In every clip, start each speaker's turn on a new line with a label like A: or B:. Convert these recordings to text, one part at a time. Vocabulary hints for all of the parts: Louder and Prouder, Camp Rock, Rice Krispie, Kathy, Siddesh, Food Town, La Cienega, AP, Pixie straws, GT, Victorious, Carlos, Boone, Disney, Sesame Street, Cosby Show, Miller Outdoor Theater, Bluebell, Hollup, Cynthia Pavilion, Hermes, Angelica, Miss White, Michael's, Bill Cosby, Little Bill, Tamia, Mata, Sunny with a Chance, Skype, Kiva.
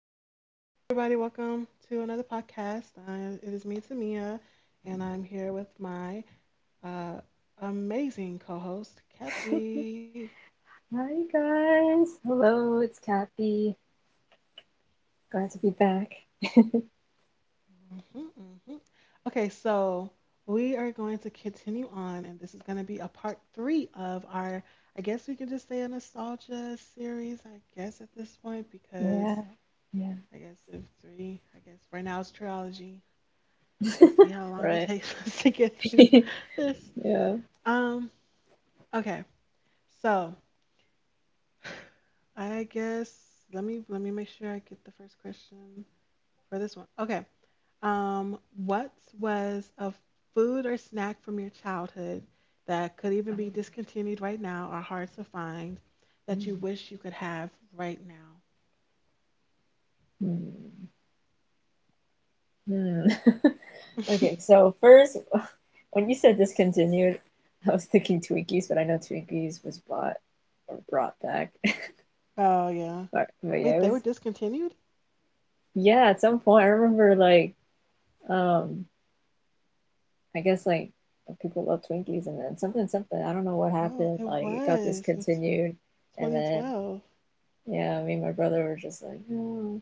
A: Um, Hello everybody, welcome to another podcast. It is me, Tamia, and I'm here with my uh, amazing co-host, Kathy.
B: Hi guys. Hello, it's Kathy. Glad to be back.
A: hmm hmm Okay, so we are going to continue on, and this is going to be a part three of our, I guess we can just say a nostalgia series, I guess at this point, because
B: Yeah. Yeah.
A: I guess if three, I guess right now it's trilogy. We'll see how long it
B: Right.
A: takes us to get through this.
B: Yeah.
A: Um, okay. So, I guess let me make sure I get the first question for this one. Okay. What was a food or snack from your childhood that could even be discontinued right now or hard to find that
B: Hmm.
A: you wish you could have right now?
B: Hmm. Okay, so first, when you said discontinued, I was thinking Twinkies, but I know Twinkies was bought or brought back.
A: Oh yeah.
B: But yeah,
A: Wait,
B: it
A: they
B: was
A: were discontinued?
B: yeah, at some point I remember like um I guess like people love Twinkies, and then something, I don't know what
A: Oh,
B: happened,
A: it
B: like it got
A: was. It's
B: discontinued. And then
A: 2012.
B: yeah, me and my brother were just like no.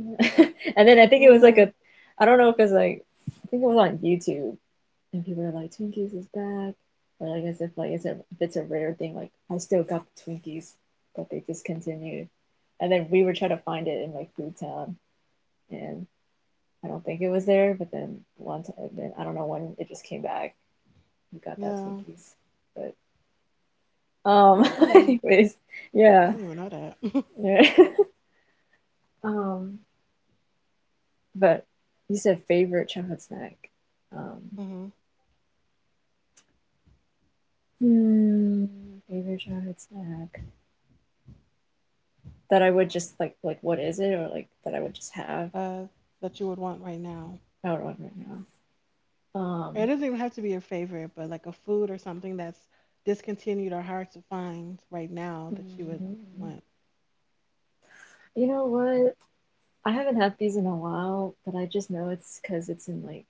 B: And then I think it was like
A: Mm,
B: a, I don't know if it's like, I think it was on YouTube, and people were like Twinkies is back. But I guess if like it's a if it's a rare thing, like I still got the Twinkies, but they discontinued. And then we were trying to find it in like Food Town, and I don't think it was there. But then one time, then I don't know when, it just came back. We got that
A: yeah.
B: Twinkies. But
A: Hmm.
B: anyways,
A: I
B: yeah,
A: don't even know that.
B: yeah. um, but you said favorite childhood snack. Um,
A: Hmm.
B: hmm, favorite childhood snack that I would just like, what is it, or like that I would just have
A: uh, that you would want right now.
B: out on right now.
A: It
B: Um,
A: doesn't even have to be your favorite, but like a food or something that's discontinued or hard to find right now that you would
B: mm,
A: want.
B: you know what? I haven't had these in a while, but I just know it's because it's in like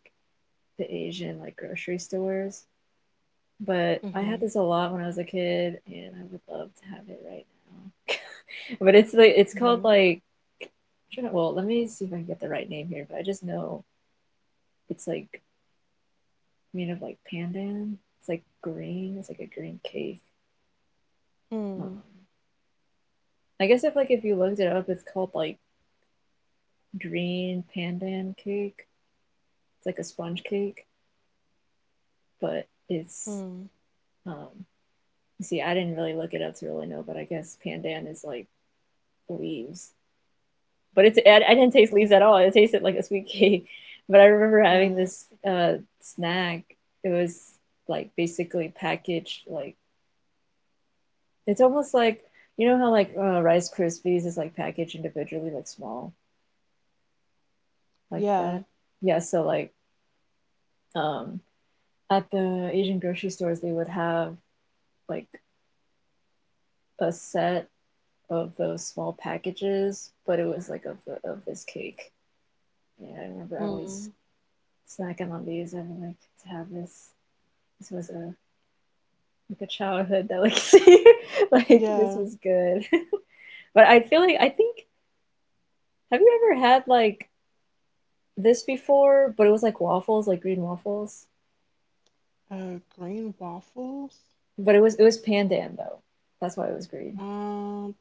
B: the Asian like grocery stores. But I
A: Mm-hmm.
B: had this a lot when I was a kid, and I would love to have it right now. But it's like, it's called
A: Mm-hmm.
B: like, well, let me see if I can get the right name here. But I just know it's like made of like pandan. It's like green. It's like a green cake. Um,
A: Hmm.
B: I guess if you looked it up, it's called like green pandan cake. It's like a sponge cake, but it's
A: Hmm.
B: um. You see, I didn't really look it up to really know, but I guess pandan is like leaves. But didn't
A: I
B: taste
A: don't
B: leaves at all.
A: think.
B: It tasted like a sweet cake. But I remember having
A: No.
B: this snack. It was like basically packaged like, it's almost like, you know how like Rice Krispies is like packaged individually, like small, like that.
A: Yeah.
B: Yeah, so like um, at the Asian grocery stores, they would have like a set of those small packages, but it was like of this cake. Yeah, I remember I
A: Hmm.
B: always snacking on these. I'm like, to have this. This was a like a childhood delicacy. Like this
A: Yeah.
B: was good. But I feel like, I think, have you ever had like this before? But it was like waffles, like green waffles.
A: Green waffles.
B: But it was pandan though. That's why it was green.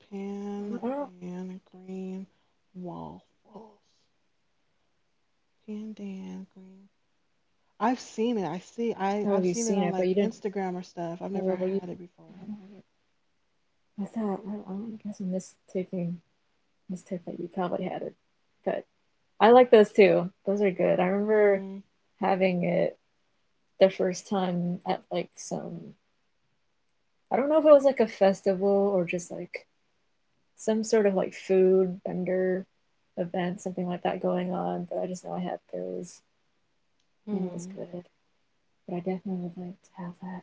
B: I
A: Pan
B: don't
A: dan green waffles. Pan dan green. I've seen it. I see. I
B: know if
A: I've
B: you've
A: seen it
B: seen
A: on
B: it, but you
A: like
B: didn't.
A: Instagram or stuff. I've never
B: Oh, but you.
A: had it before.
B: I thought I guess I'm mistaking, mistake that you probably had it, but I like those too. Those are good. I remember
A: Hmm.
B: having it the first time at like some, I don't know if it was like a festival or just like some sort of like food vendor event, something like that going on. But I just know I had those, and it was
A: Hmm.
B: good. But I definitely would like to have that.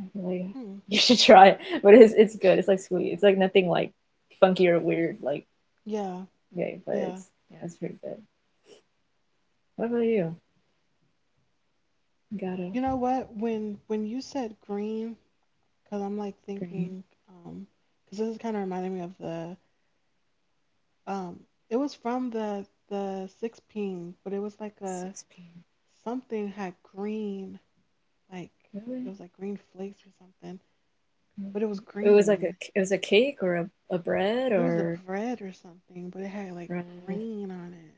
B: I feel like
A: Hmm.
B: you should try it. But it's good. It's like sweet. It's like nothing like funky or weird like,
A: Yeah.
B: okay, but
A: Yeah.
B: it's, yeah, it's pretty good. What about you? Got a
A: You know what? When you said green, because I'm like
B: green
A: thinking, um, because this is kind of reminding me of the um, it was from the 16, but it was like a
B: six p.
A: something had green, like it
B: Really?
A: was like green flakes or something, but it
B: Mm-hmm.
A: was
B: It was like a,
A: green.
B: it was a cake, or a bread,
A: It was a
B: or
A: bread or something, but it had like
B: bread.
A: green on it.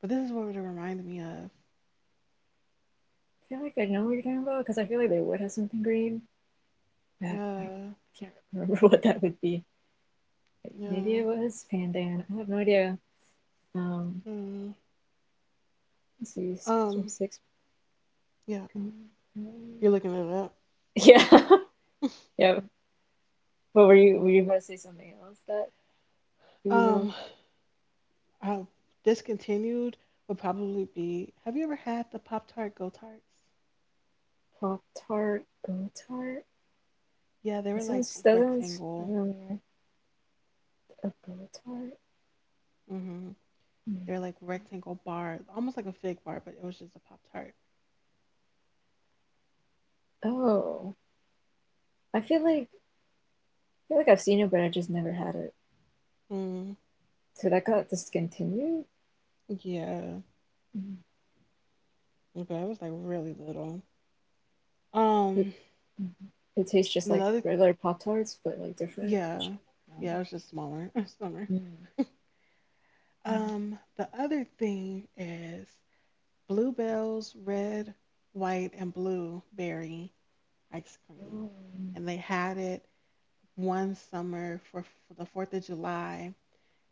A: But this is what it reminded me of.
B: I feel like I know what you're talking about, because I feel like they would have something green. But I don't.
A: Yeah,
B: I can't remember what that would be. Maybe
A: yeah.
B: it was pandan. I have no idea. Um,
A: Mm.
B: let's see. It's from
A: Um,
B: six.
A: yeah. You're looking it up.
B: Yeah, yeah. But were you about to say something else, that you were like
A: Um, I discontinued would probably be. Have you ever had the Pop Tart Go Tarts?
B: pop tart, go tart?
A: Yeah, they
B: That
A: were like
B: sounds that sounds
A: rectangle.
B: familiar. A go tart.
A: Mm-hmm.
B: Hmm.
A: They were like rectangle bar, almost like a fig bar, but it was just a Pop Tart.
B: Oh, I feel like I've seen it, but I just never had it.
A: Mm,
B: So that got discontinued.
A: yeah,
B: Mm.
A: but it was like really little.
B: It,
A: Um,
B: it tastes just
A: and
B: like
A: another,
B: regular Pop Tarts, but like different.
A: yeah, yeah, it
B: Um,
A: was just smaller, smaller.
B: right.
A: The other thing is Bluebell's red, white, and blue berry ice cream. And they had it one summer for the 4th of July,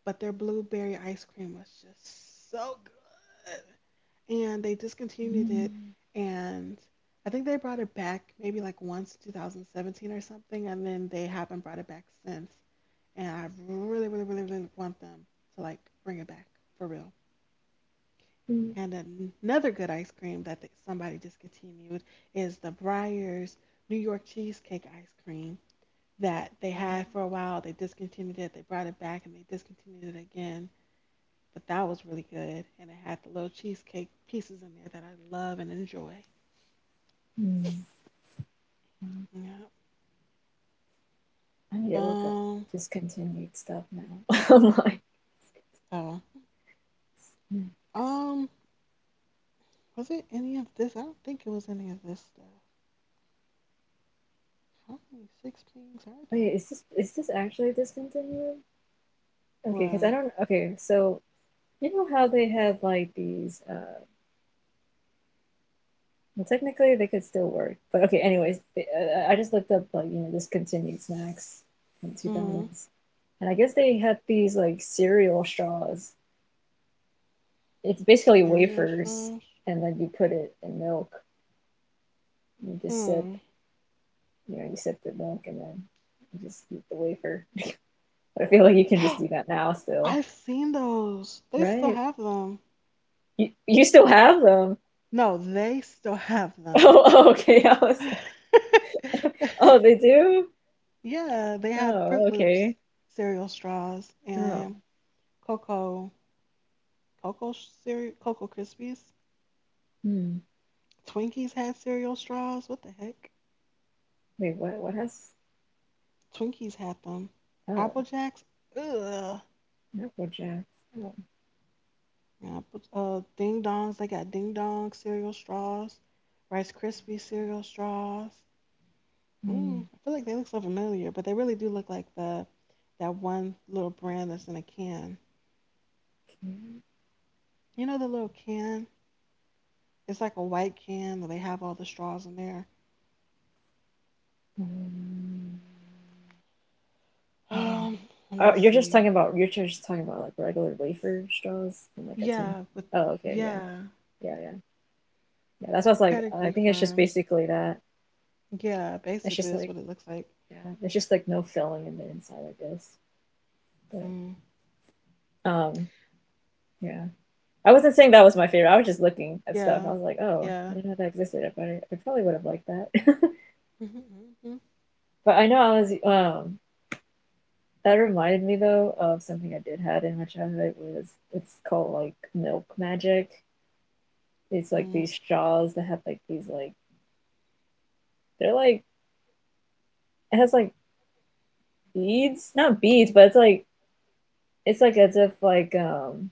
A: but their blueberry ice cream was just so good. And they discontinued it. And I think they brought it back maybe like once 2017 or something. And then they haven't brought it back since. And I really, really, really, really want them to like bring it back for real. And another good ice cream that somebody discontinued is the Breyers New York Cheesecake ice cream that they had for a while. They discontinued it, they brought it back, and they discontinued it again. But that was really good. And it had the little cheesecake pieces in there that I love and enjoy. Yeah.
B: I need to look up
A: Um,
B: discontinued stuff now. I'm like,
A: oh. Um, was it any of this? I don't think it was any of this stuff. How many six pings are
B: wait,
A: there?
B: is this actually discontinued? Okay, because I
A: What?
B: don't. Okay, so you know how they have like these well, technically, they could still work, but okay. Anyways, I just looked up like, discontinued snacks in two
A: Mm-hmm.
B: thousands, and I guess they had these like cereal straws. It's basically
A: Cereal
B: wafers,
A: straws?
B: and then you put it in milk. You just sip,
A: Hmm.
B: you know, you sip the milk, and then you just eat the wafer. But I feel like you can just do that now still,
A: I've seen those. They still
B: right?
A: have them.
B: You still have them?
A: No, they still have them.
B: Oh, oh, okay. I was, oh, they do.
A: Yeah, they have Fruit
B: Oh,
A: Loops
B: okay.
A: cereal straws
B: Oh,
A: and Cocoa Cocoa cereal Cocoa Krispies.
B: hmm.
A: Twinkies had cereal straws. What the heck?
B: Wait, what? What has?
A: Twinkies had them.
B: Oh.
A: Apple Jacks. Ugh.
B: Not Jackson.
A: Yeah, Apple, Ding Dongs. They got Ding Dong cereal straws. Rice Krispie cereal straws.
B: Mm.
A: Mm, I feel like they look so familiar, but they really do look like the that one little brand that's in a can.
B: Okay.
A: You know the little can? It's like a white can where they have all the straws in there.
B: Um, I don't
A: Um,
B: know.
A: Let
B: Oh,
A: me
B: you're just
A: see.
B: talking about, like regular wafer straws and like a tin.
A: Yeah, but
B: Oh, okay, yeah,
A: yeah,
B: yeah, yeah, yeah. That's what's like, I
A: pedigree
B: think it's just
A: firms.
B: basically that.
A: Yeah,
B: It's
A: basically
B: just
A: that's
B: like,
A: what it looks like.
B: yeah, it's just like no filling in the inside, I guess. But
A: Mm,
B: um, yeah. I wasn't saying that was my favorite. I was just looking at stuff.
A: yeah,
B: I was like, oh, I
A: yeah.
B: didn't know that existed. I probably would have liked that.
A: Mhm. hmm
B: But I know I was that reminded me though of something I did had in my childhood, was it's called like milk magic. It's like
A: mm,
B: these straws that have like these like, they're like, it has like beads, not beads, but it's like as if like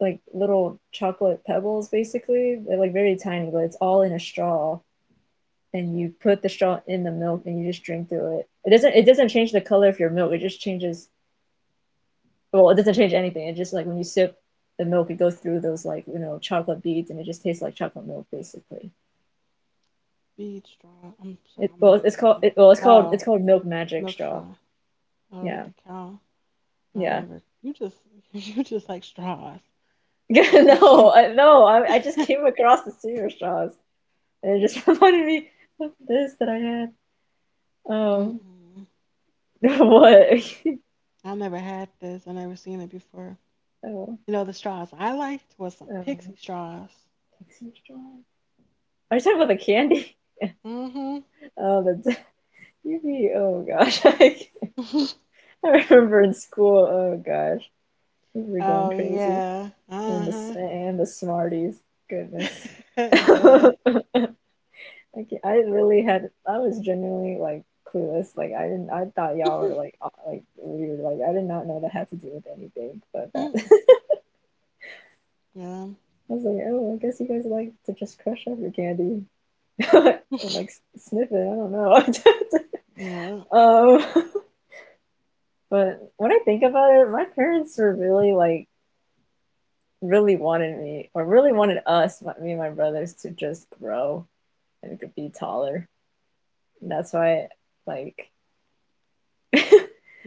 B: like little chocolate pebbles basically. They're like very tiny, but it's all in a straw, and you put the straw in the milk and you just drink through it. It doesn't change the color of your milk. It just changes, well, it doesn't change anything. It just like, when you sip the milk, it goes through those like you know chocolate beads, and it just tastes like chocolate milk basically.
A: Bead straw. I'm sorry,
B: It,
A: I'm
B: well,
A: looking
B: it's called
A: it up.
B: it, well, it's called it's
A: Oh,
B: called milk magic
A: milk
B: straw.
A: straw. Oh, with
B: Yeah,
A: the cow. No, I
B: yeah.
A: never. You just you just like straws.
B: no,
A: So-.
B: I, no, I, I just came across the cereal straws, and it just reminded me of this that I had. Um,
A: Mm-mm.
B: what?
A: I never had this. I never seen it before.
B: Oh,
A: You know, the straws I liked was some
B: um,
A: pixie straws.
B: Texas straw. Are you talking about the candy?
A: Mm-hmm.
B: Oh, the oh gosh, I remember in school. Oh gosh, we were going
A: Oh
B: crazy.
A: yeah.
B: And the, s-
A: Uh-huh.
B: and the Smarties. Goodness.
A: Yeah.
B: Okay, I really had, I was genuinely like clueless. Like I didn't, I thought y'all were
A: Mhm.
B: like weird. Like I did not know that had to do with anything, but that
A: Mm. Yeah.
B: I was like, oh, I guess you guys like to just crush up your candy and like sniff it. I don't know.
A: Yeah.
B: Um, but when I think about it, my parents were really like really wanted me, or really wanted us, me and my brothers, to just grow and could be taller. That's why, like,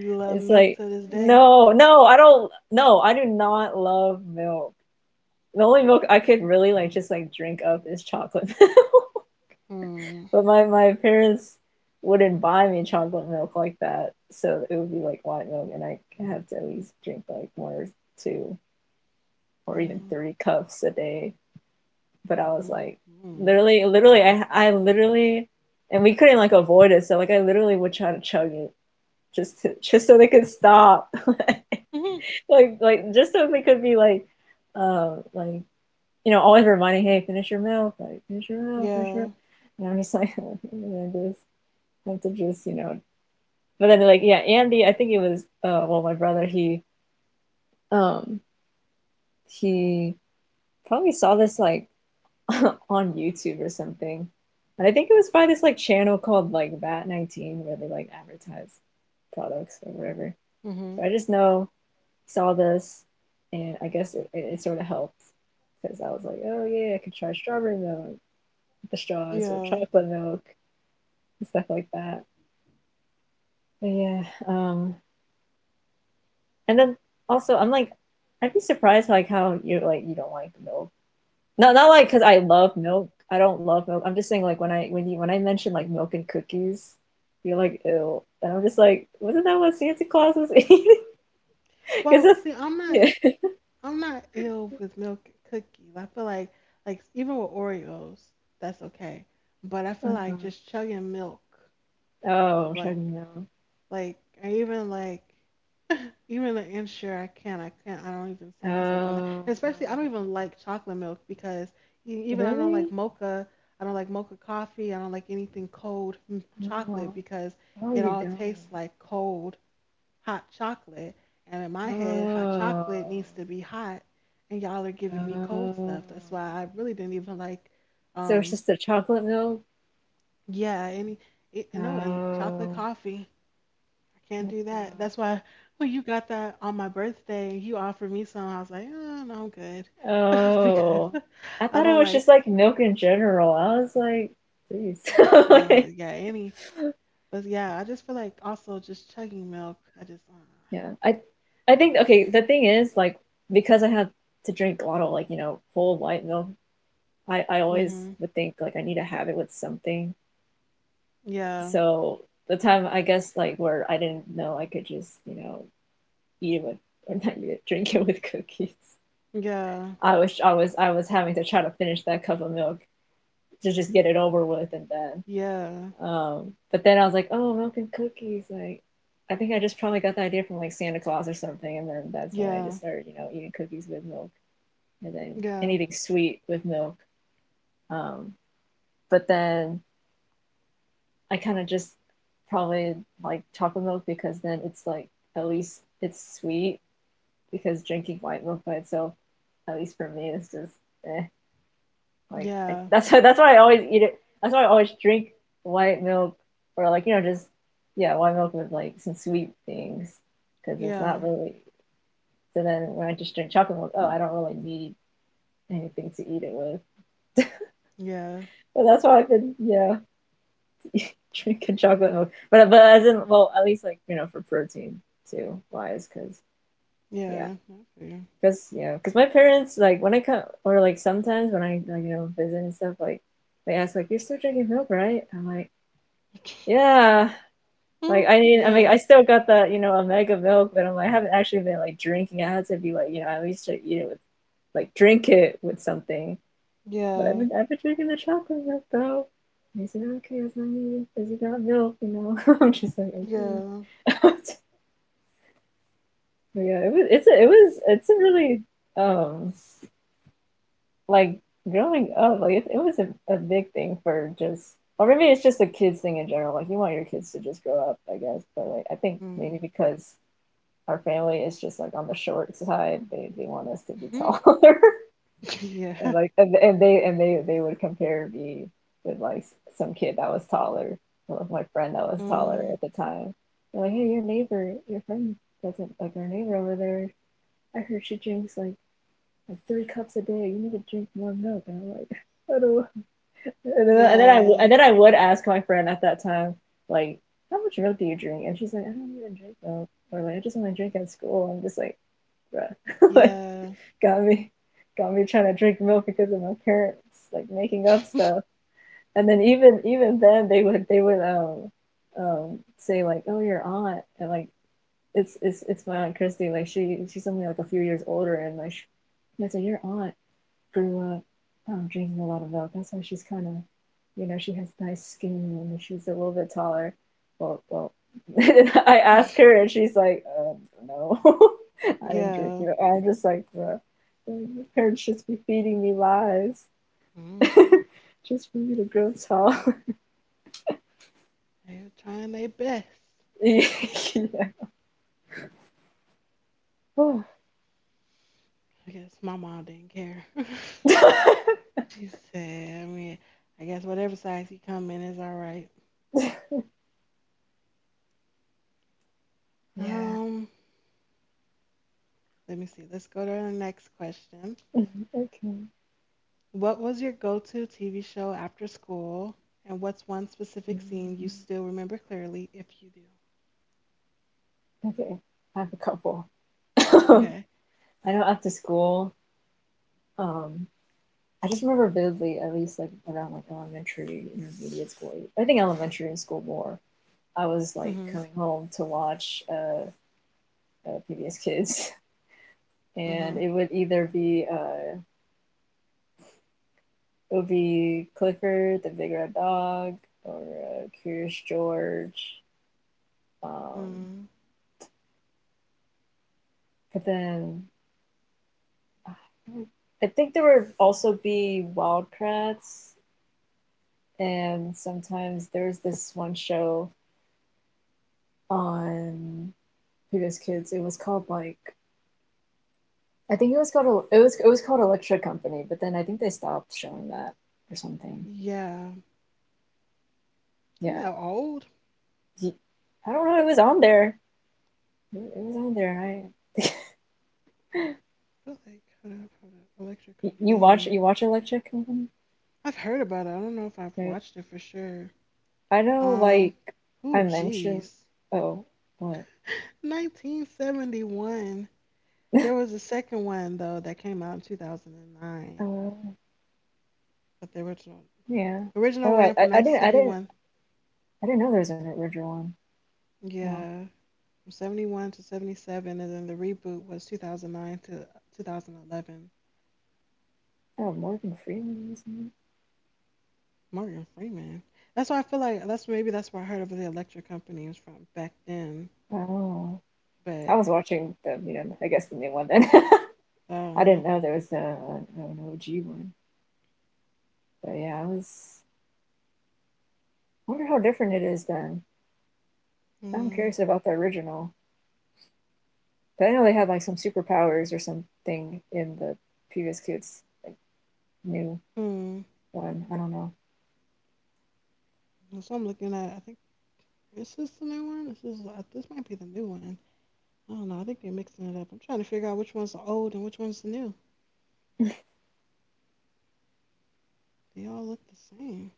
A: You love
B: it's
A: milk
B: like,
A: to this day.
B: no, no, I do not love milk. The only milk I could really like just like drink up is chocolate milk.
A: Mm.
B: But my parents wouldn't buy me chocolate milk like that, so it would be like white milk, and I have to at least drink like one or two or even
A: Yeah.
B: three cups a day. But I was like,
A: Mm-hmm.
B: literally, literally, I literally, and we couldn't like avoid it, so like I literally would try to chug it, just so they could stop, like just so they could be like you know, always reminding, hey, finish your milk, like finish your milk, finish your milk.
A: Yeah.
B: And I'm just like, I'm gonna just have to just. But then like, yeah, Andy, I think it was well, my brother, he um he probably saw this like on YouTube or something. And I think it was by this like channel called like Vat19, where they like advertise products or whatever.
A: Mm-hmm.
B: But I just know saw this, and I guess it sort of helped, because I was like, oh yeah, I could try strawberry milk, the straws, or
A: Yeah.
B: chocolate milk and stuff like that. But yeah, and then also I'm like, I'd be surprised like how you're like you don't like milk. No, not like because I love milk. I don't love milk. I'm just saying like, when I mention like milk and cookies, you're like ew, and I'm just like, wasn't that what Santa Claus was eating? Because
A: Well,
B: that's
A: see, I'm not.
B: yeah.
A: I'm not ill with milk and cookies. I feel like even with Oreos, that's okay. But I feel like
B: Uh-huh.
A: just chugging milk,
B: Oh, I'm
A: like
B: checking now.
A: like or even like even the ensure I can't I don't even see myself doing that.
B: Oh,
A: And especially I don't
B: okay.
A: even like chocolate milk because even I don't like
B: Really?
A: mocha. I don't like mocha coffee. I don't like anything cold from chocolate
B: Oh,
A: because
B: oh,
A: it
B: you
A: all tastes
B: don't.
A: like cold hot chocolate. And in my head, hot chocolate
B: Oh,
A: needs to be hot. And y'all are giving me cold
B: oh.
A: stuff. That's why I really didn't even like,
B: So it's
A: um,
B: just the chocolate milk?
A: yeah, any, it, no, and chocolate
B: Oh,
A: coffee. I can't do that.
B: chocolate.
A: That's why when you got that on my birthday and you offered me some, I was like, oh, no, I'm good. Because
B: Oh, I
A: I
B: thought it
A: don't
B: was
A: like,
B: just like milk in general. I was like, geez.
A: no, yeah, any. But yeah, I just feel like also just chugging milk. I just,
B: Yeah, I think okay. The thing is, like, because I have to drink a lot of like you know whole white milk, I always
A: hmm
B: would think like I need to have it with something.
A: yeah,
B: So the time I guess like where I didn't know I could just you know eat it with or not eat it, drink it with cookies.
A: yeah,
B: I was having to try to finish that cup of milk to just get it over with, and then
A: yeah,
B: but then I was like, oh, milk and cookies, like. I think I just probably got the idea from like Santa Claus or something, and then that's when I
A: yeah,
B: just started, you know, eating cookies with milk, and then
A: yeah.
B: anything sweet with milk. Um, but then I kind of just probably like chocolate milk because then it's like at least it's sweet because drinking white milk by itself, at least for me, is just eh. Like
A: Yeah,
B: that's why I always eat it. That's why I always drink white milk or like you know just yeah white milk with like some sweet things because it's
A: yeah,
B: not really. So then when I just drink chocolate milk, oh, I don't really need anything to eat it with.
A: yeah,
B: But that's why I've been, drink a chocolate milk, but as in well, at least like you know for protein too wise, because yeah,
A: yeah. I feel you.
B: because yeah, because my parents like when I come or like sometimes when I like you know visit and stuff like they ask like you're still drinking milk, right? I'm like yeah, like
A: Mm.
B: I need I mean I
A: Yeah,
B: still got that you know omega milk, but I'm like I haven't actually been like drinking. I had to be like you know at least to eat it with like drink it with something. But I've
A: yeah,
B: been I've been drinking the chocolate milk though. And he said, okay, as long as you got milk, you know. I'm just like, okay.
A: yeah.
B: But yeah, it's a really um like growing up, like it was a big thing for just or maybe it's just a kids thing in general. Like you want your kids to just grow up, I guess. But like I think maybe
A: Mhm.
B: because our family is just like on the short side, they want us to be
A: Mhm.
B: taller. And
A: Yeah.
B: like and they they would compare me with like some kid that was taller or with my friend that was taller at
A: Mm.
B: the time. They're like, hey, your neighbor, your friend doesn't, like your neighbor over there, I heard she drinks like three cups a day. You need to drink more milk, and I'm like I don't, and then
A: Yeah.
B: and then I would ask my friend at that time like how much milk do you drink, and she's like I don't even drink milk or like I just want to drink at school. I'm just like bruh like
A: Yeah.
B: got me, got me trying to drink milk because of my parents like making up stuff. And then even then they would say like, oh, your aunt, and like it's it's my aunt Christy. Like she, she's only like a few years older and like and I said your aunt grew up drinking a lot of milk. That's why she's kind of, you know, she has nice skin and she's a little bit taller. Well, I asked her and she's like, no, I didn't drink
A: Yeah.
B: it. I'm just like, bro, your parents just be feeding me lies
A: Mhm.
B: just for me to grow tall.
A: They're trying their best.
B: Yeah. Oh.
A: I guess my mom didn't care.
B: Yeah.
A: She said, I mean, I guess whatever size you come in is all right. Um, Let me see. Let's go to the next question.
B: Okay.
A: What was your go to TV show after school? And what's one specific scene you
B: Mm.
A: still remember clearly if you do?
B: Okay. I have a couple.
A: Okay.
B: I know after school, um, I just remember vividly, at least like around like elementary, intermediate school. I think elementary and school more. I was like
A: Mm-hmm.
B: coming home to watch PBS Kids, and
A: Mm-hmm.
B: it would either be it would be Clifford the Big Red Dog or Curious George. Um,
A: Mm-hmm.
B: but then I think there would also be Wildcrats, and sometimes there was this one show on PBS Kids. It was called like I think it was called Electric Company, but then I think they stopped showing that or something.
A: Yeah. I'm
B: Yeah,
A: not old.
B: he, I don't know. It was on there. It was on there. I
A: I feel like hold up, hold up. Electric Company.
B: you watch Electric Company,
A: I've heard about it. I don't know if I've
B: right?
A: watched it for sure.
B: I know.
A: Um
B: Like
A: oh
B: I mentioned.
A: jeez.
B: Oh, what?
A: 1971. There was a second one though that came out in 2009,
B: Uh,
A: but the original
B: yeah.
A: original
B: Oh,
A: ran from
B: I didn't
A: 1971.
B: I didn't know there was an original one. Wow.
A: Yeah. From 71 to 77, and then the reboot was 2009 to 2011.
B: Oh, Morgan Freeman was in it.
A: Morgan Freeman. That's why I feel like that's maybe that's where I heard of the electric company was from back then.
B: Oh, I
A: But
B: was watching the you know I guess the new one then. I
A: uh,
B: didn't know there was an OG one. But yeah, I was. I wonder how different it is then. I'm
A: hmm,
B: curious about the original. But I know they had like some superpowers or something in the previous kids, like new
A: hmm.
B: one. I don't know.
A: So I'm looking at. I think, is this the new one? This is this might be the new one. I don't know. I think they're mixing it up. I'm trying to figure out which one's the old and which one's the new. They all look the same.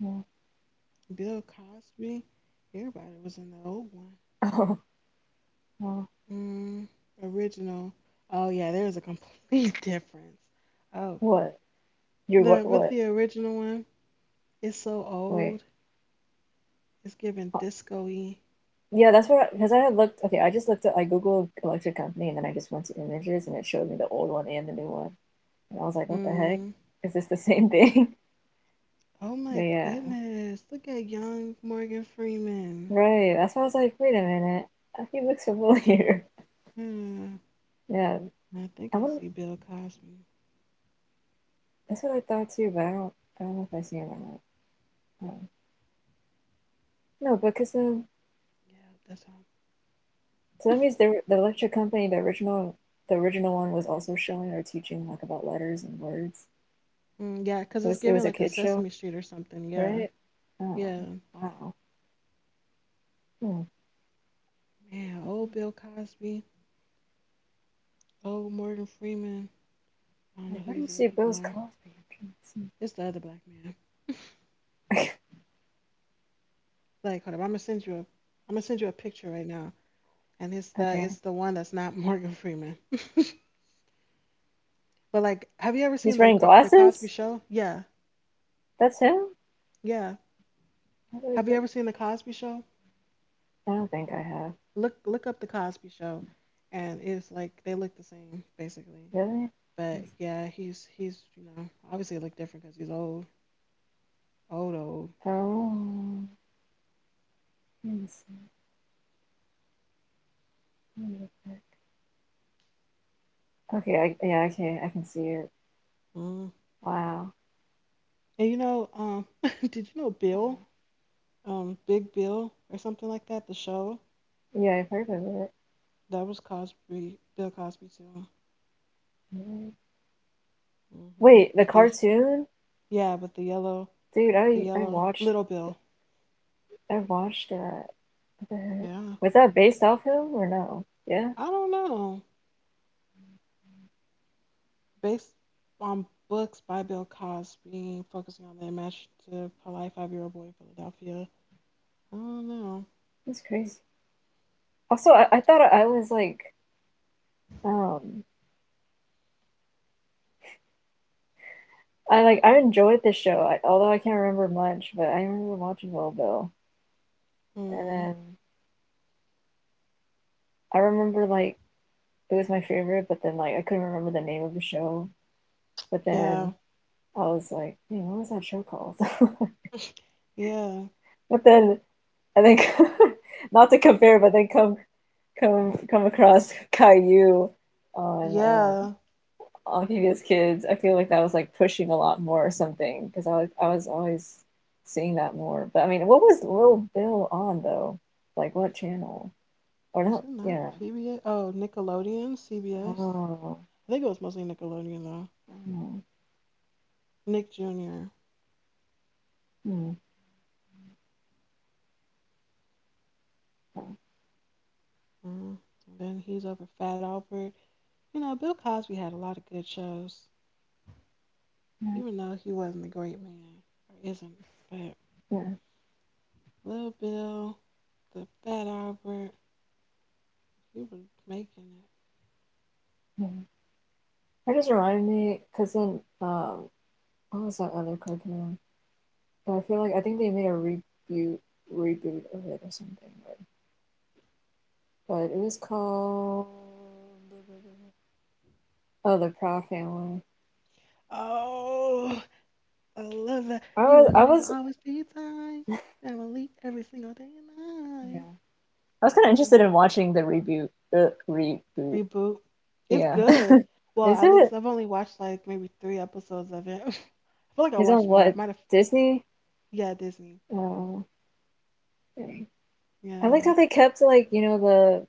B: Yeah.
A: Bill Cosby. Everybody was in the old one.
B: Oh, oh.
A: Mm, original. Oh yeah, there's a complete difference. Oh,
B: What? You're what?
A: the with
B: What?
A: the original one, it's so
B: Wait.
A: old. It's giving
B: Uh,
A: disco-y.
B: Yeah, that's what. Because I had looked. Okay, I just looked at. I googled electric company, and then I just went to images, and it showed me the old one and the new one. And I was like, what the heck?
A: Mm.
B: Is this the same thing?
A: Oh
B: But
A: my
B: yeah,
A: goodness, look at young Morgan Freeman.
B: right. That's why I was like, wait a minute. He looks familiar.
A: Hmm.
B: Yeah,
A: And I think
B: I
A: I
B: would
A: see Bill Cosby.
B: That's what I thought too, but I don't know if I've seen it or not. No, because
A: Yeah, that's him.
B: so that means the lecture company, the original, the original one was also showing or teaching like about letters and words.
A: Mm, yeah, cause it's
B: It
A: giving
B: was a
A: like a
B: kid show,
A: Sesame Street or something. Yeah,
B: right? Oh
A: yeah.
B: wow. Hmm.
A: Man,
B: That's
A: old
B: interesting.
A: Bill Cosby, old Morgan Freeman. I don't know
B: Like
A: who
B: where do you
A: these other
B: see
A: people
B: Bill's
A: are.
B: Cosby? I'm
A: It's the other black man.
B: trying to see.
A: Like, hold up, I'm gonna send you a picture right now, and it's the
B: Okay,
A: it's the one that's not Morgan Freeman. But like, have you ever
B: he's
A: seen the
B: wearing
A: Co- the Cosby
B: glasses.
A: Show? Yeah,
B: That's him.
A: yeah.
B: I don't
A: Have you
B: think
A: ever seen the Cosby Show?
B: I don't think I have
A: Look up the Cosby Show, and it's like they look the same basically.
B: really.
A: But yeah, he's obviously look different because he's old, old, old.
B: Oh, let me see. Let me look back. Okay. Yeah, okay. I can see it.
A: Mm.
B: Wow.
A: And did you know Bill, Big Bill or something like that? The show
B: Yeah, I've heard of it.
A: that was Cosby, Bill Cosby too.
B: Mhm.
A: Mhm.
B: Wait, the
A: With the,
B: cartoon?
A: yeah, with the yellow,
B: Dude,
A: the yellow Little Bill.
B: I watched that. What the heck?
A: Yeah.
B: Was that based off him or no? Yeah,
A: I don't know. Based on books by Bill Cosby, focusing on the imaginative, polite 5-year-old boy in Philadelphia. I don't know.
B: that's crazy. Also, I thought I was like um I like I enjoyed the show, although I can't remember much, but I remember watching Little Bill. And
A: Hmm.
B: then I remember like it was my favorite, but then like I couldn't remember the name of the show. But then
A: Yeah.
B: I was like, man, what was that show called?
A: Yeah.
B: But then and then not to compare, but then come across Caillou on um,
A: Yeah.
B: on PBS Kids. I feel like that was like pushing a lot more or something because I was always seeing that more. But I mean, what was Little Bill on though? Like what channel or not?
A: Wasn't that
B: Yeah.
A: PBS? Oh, Nickelodeon, CBS.
B: Oh.
A: I think it was mostly Nickelodeon though.
B: Oh.
A: Nick Jr.
B: Hmm.
A: Mm. And then he's over Fat Albert. You know, Bill Cosby had a lot of good shows.
B: Yeah.
A: Even though he wasn't a great man or isn't. But
B: Yeah.
A: Lil Bill, the Fat Albert, he was making it.
B: Yeah. That just reminded me because then what was that other cartoon? But I feel like I think they made a reboot of it or something or but it was called Oh, the Proud Family.
A: Oh, I love that.
B: I
A: You
B: was
A: and
B: I
A: me will
B: was
A: always be time. Family every single day and
B: yeah.
A: night.
B: I was kind of
A: Mm.
B: interested in watching the reboot. The reboot.
A: Reboot. It's
B: Yeah.
A: good. Well,
B: Is
A: at
B: it?
A: least I've only watched like maybe three episodes of it. I feel like I
B: Is on
A: watched more. I
B: what?
A: might have.
B: Disney?
A: Yeah, Disney.
B: Oh, dang. I liked how
A: Yeah,
B: they kept like, you know, the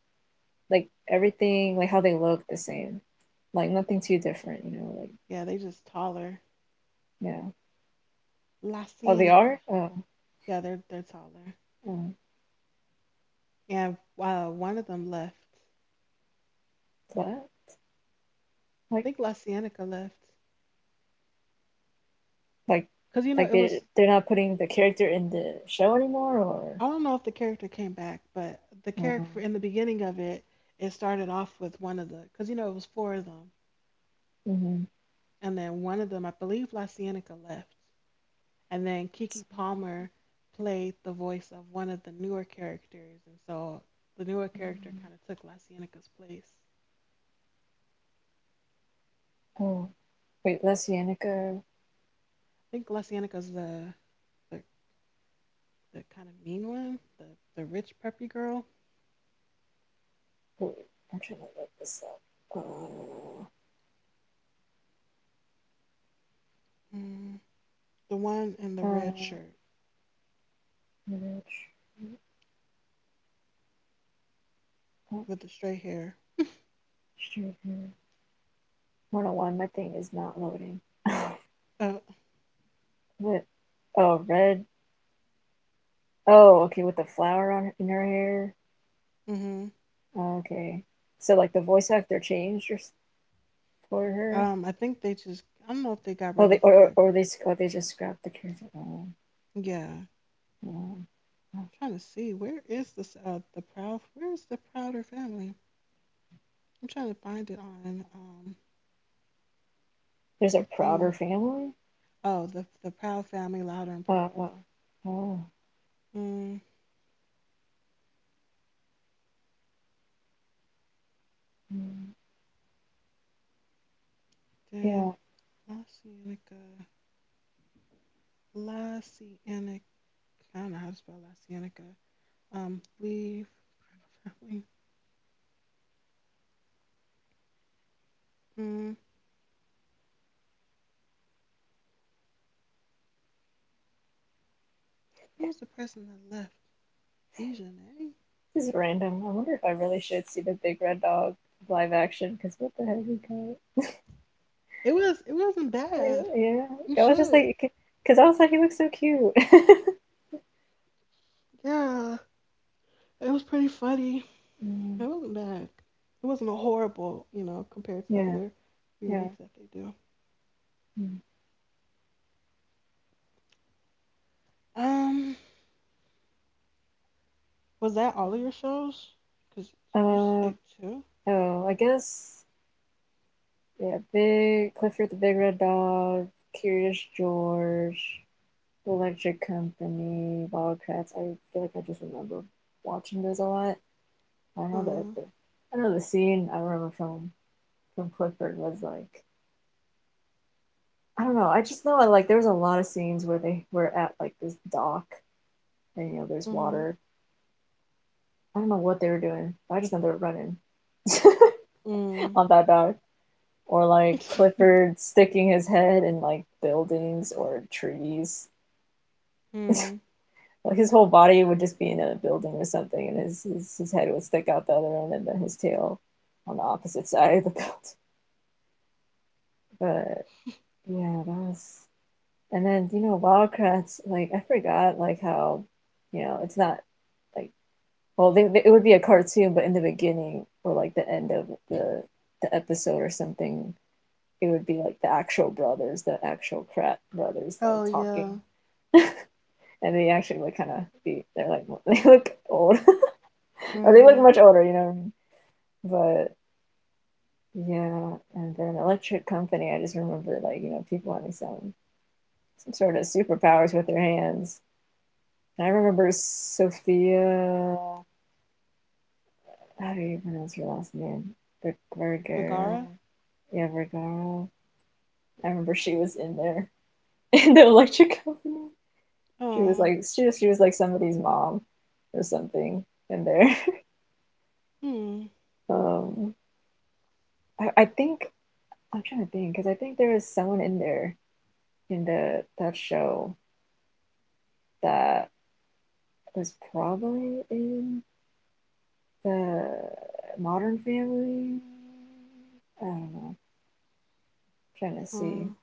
B: like everything, like how they look the same. Like nothing too different, you know, like
A: yeah. They just taller.
B: yeah.
A: La
B: Oh, they are?
A: Cienega.
B: Oh,
A: Yeah, they're taller.
B: oh,
A: And one of them left.
B: what? Like
A: Think Lysianica left
B: like
A: because you know
B: like
A: it
B: they
A: was.
B: they're not putting the character in the show anymore or
A: I don't know if the character came back, but the
B: oh,
A: character in the beginning of it, it started off with one of the because you know it was four of them,
B: mhm.
A: and then one of them, I believe Lysianica left, and then Kiki Palmer played the voice of one of the newer characters, and so the newer character kind of took Lysianica's place.
B: Oh, wait, that's Yannicka.
A: I think Lysianica's the, the kind of mean one, the rich preppy girl,
B: Wait, I'm trying to look this up. Uh,
A: mm, the one in the
B: uh,
A: red shirt
B: marriage. Oh,
A: with the straight hair.
B: shoot, 101, my thing is not loading.
A: Uh,
B: What? Oh, red. Oh, okay, with the flower on in her hair.
A: hmm
B: Okay. So like the voice actor changed or, s- for her.
A: I think they just I don't know if they got
B: Oh,
A: rid
B: they
A: of the
B: or or they
A: character.
B: s- or they just scrapped the character. Oh,
A: Yeah. I'm
B: oh. Oh.
A: trying to see where is the prouder family? I'm trying to find it on
B: There's
A: her
B: a
A: thing.
B: prouder family.
A: Oh, the proud family louder and
B: Oh,
A: prouder.
B: oh.
A: Mm,
B: Mm.
A: then
B: Yeah.
A: La Cienega, La Cienega. I don't know how to spell La Cienega. Leave proud family. Mm, who was the person that left? Dejanay?
B: This is random. I wonder if I really should see the Big Red Dog live action because what the heck he got?
A: It wasn't
B: Eh,
A: bad.
B: yeah,
A: You
B: I was just
A: should.
B: like, because I was like, he looks so cute.
A: Yeah. It was pretty funny. It
B: Mm,
A: wasn't bad. It wasn't a horrible, you know, compared to
B: yeah,
A: other
B: yeah.
A: remakes that they do.
B: Mm.
A: Um, was that all of your shows? Cause did you
B: Uh,
A: say two?
B: oh, I guess yeah. Big Clifford the Big Red Dog, Curious George, Electric Company, Wildcats. I feel like I just remember watching those a lot. I know
A: Uh.
B: the I know the scene I remember from Clifford was like I don't know. I just know I like there was a lot of scenes where they were at like this dock and you know there's
A: Mm.
B: water. I don't know what they were doing, but I just know they were running
A: Mm.
B: on that dock. Or like
A: Mm.
B: Clifford sticking his head in like buildings or trees.
A: Mm.
B: Like his whole body would just be in a building or something and his head would stick out the other end and then his tail on the opposite side of the building. But yeah, that was. And then, Wildcrats, like I forgot like how, it's not like. Well, it would be a cartoon, but in the beginning or like the end of the episode or something, it would be like the actual brothers, the actual Pratt brothers, like
A: Oh
B: talking,
A: yeah.
B: and they actually like kind of be they're like they look old, or they look
A: Mm-hmm.
B: much older, you know. But yeah, and they're an electric company. I just remember like you know people having some sort of superpowers with their hands. And I remember Sophia. How do you pronounce her last name? Vergara.
A: Bagara.
B: Yeah, Vergara. I remember she was in there in the electric company. She was
A: Oh.
B: like she was like somebody's mom or something in there.
A: Hmm.
B: Um, I think. I'm trying to think because I think there was someone in there in the that show that was probably in the Modern Family. I don't know. I'm trying to see.
A: Hmm.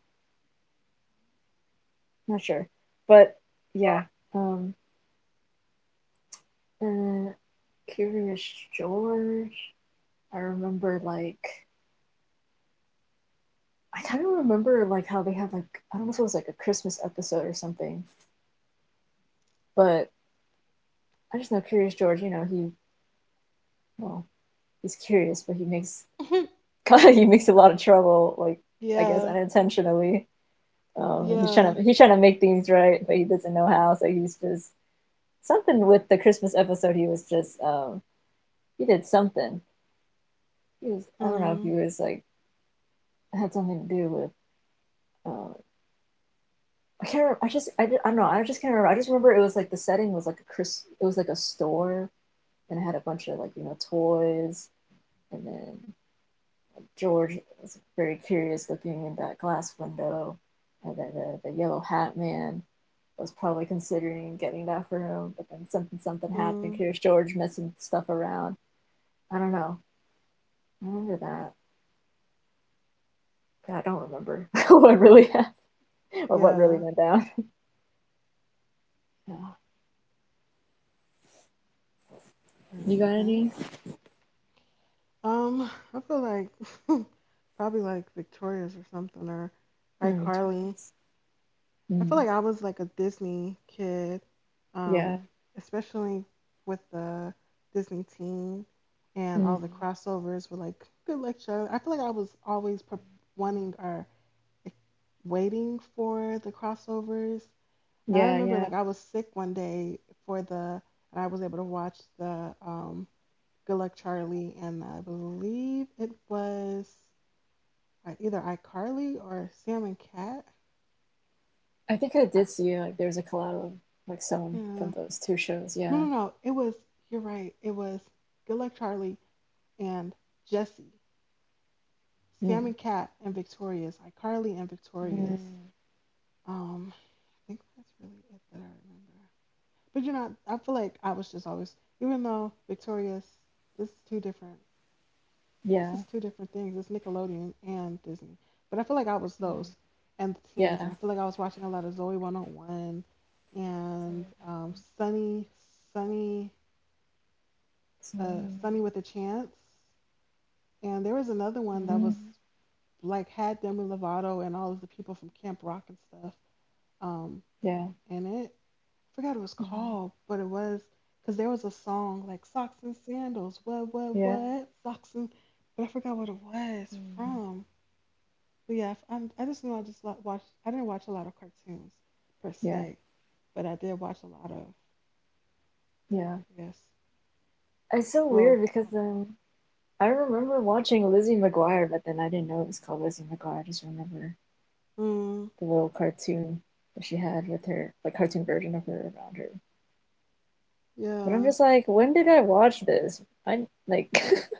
B: I'm not sure, but yeah. Um, and Curious George. I remember like I kind of remember like how they had like, I don't know if it was like a Christmas episode or something, but I just know Curious George. You know, he, well, he's curious, but he makes he makes a lot of trouble. Like I guess
A: yeah.
B: unintentionally.
A: Yeah.
B: He's trying to make things right, but he doesn't know how. So he's just something with the Christmas episode. He was just, he did something. He was, I don't know if he
A: Hmm.
B: was like had something to do with, uh, I can't remember. I don't know. I just can't remember. I just remember it was like the setting was like a Chris, it was like a store, and it had a bunch of like you know toys, and then George was very curious looking in that glass window, and then the yellow hat man was probably considering getting that for him, but then something happened.
A: Hmm.
B: Here's George messing stuff around. I don't know. I remember that. But I don't remember what really happened or what really
A: Yeah.
B: went down. Yeah. You got
A: Okay.
B: any?
A: I feel like probably like Victoria's or something or
B: Let me try
A: iCarly.
B: this.
A: I feel
B: Mm.
A: like I was like a Disney kid,
B: Yeah.
A: um, especially with the Disney teen and all the
B: Mm,
A: crossovers were like good luck show. I feel like I was always wanting or like, waiting for the crossovers. And I
B: yeah,
A: remember
B: yeah.
A: like I was sick one day for the and I was able to watch the Good Luck Charlie, and I believe it was either iCarly or Sam and Cat.
B: I think I
A: I,
B: did see like there's a collab of like someone from
A: yeah.
B: those two shows.
A: No,
B: Yeah.
A: no, no. It was, you're right. It was Good Luck Charlie and Jesse, Sam
B: Mm,
A: and Cat and Victorious, iCarly and
B: mm,
A: Victorious. Um, I think that's really it that I remember. But you know, I feel like I was just always, even though Victorious, this is too different. This
B: yeah.
A: is two different things. It's Nickelodeon and Disney. But I feel like I was
B: Mm.
A: those and the teens. And
B: Yeah.
A: I feel like I was watching a lot of Zoe 101
B: So,
A: and Sunny,
B: so,
A: Sunny with a Chance. And there was another one that
B: mm,
A: was like had Demi Lovato and all of the people from Camp Rock and stuff um,
B: yeah.
A: in it. I forgot what it was
B: Hmm.
A: called, but it was because there was a song like Socks and Sandals. What,
B: Yeah.
A: what? Socks and. But I forgot what it was
B: Mm.
A: from. But yeah, if I'm, I just know I just like watched. I didn't watch a lot of cartoons per
B: Yeah.
A: se, but I did watch a lot of,
B: Yeah.
A: I guess,
B: It's so
A: growth.
B: weird because I remember watching Lizzie McGuire, but then I didn't know it was called Lizzie McGuire. I just remember
A: Mm,
B: the little cartoon that she had with her, like cartoon version of her around her. But I'm
A: yeah,
B: just like, when did I watch this? I like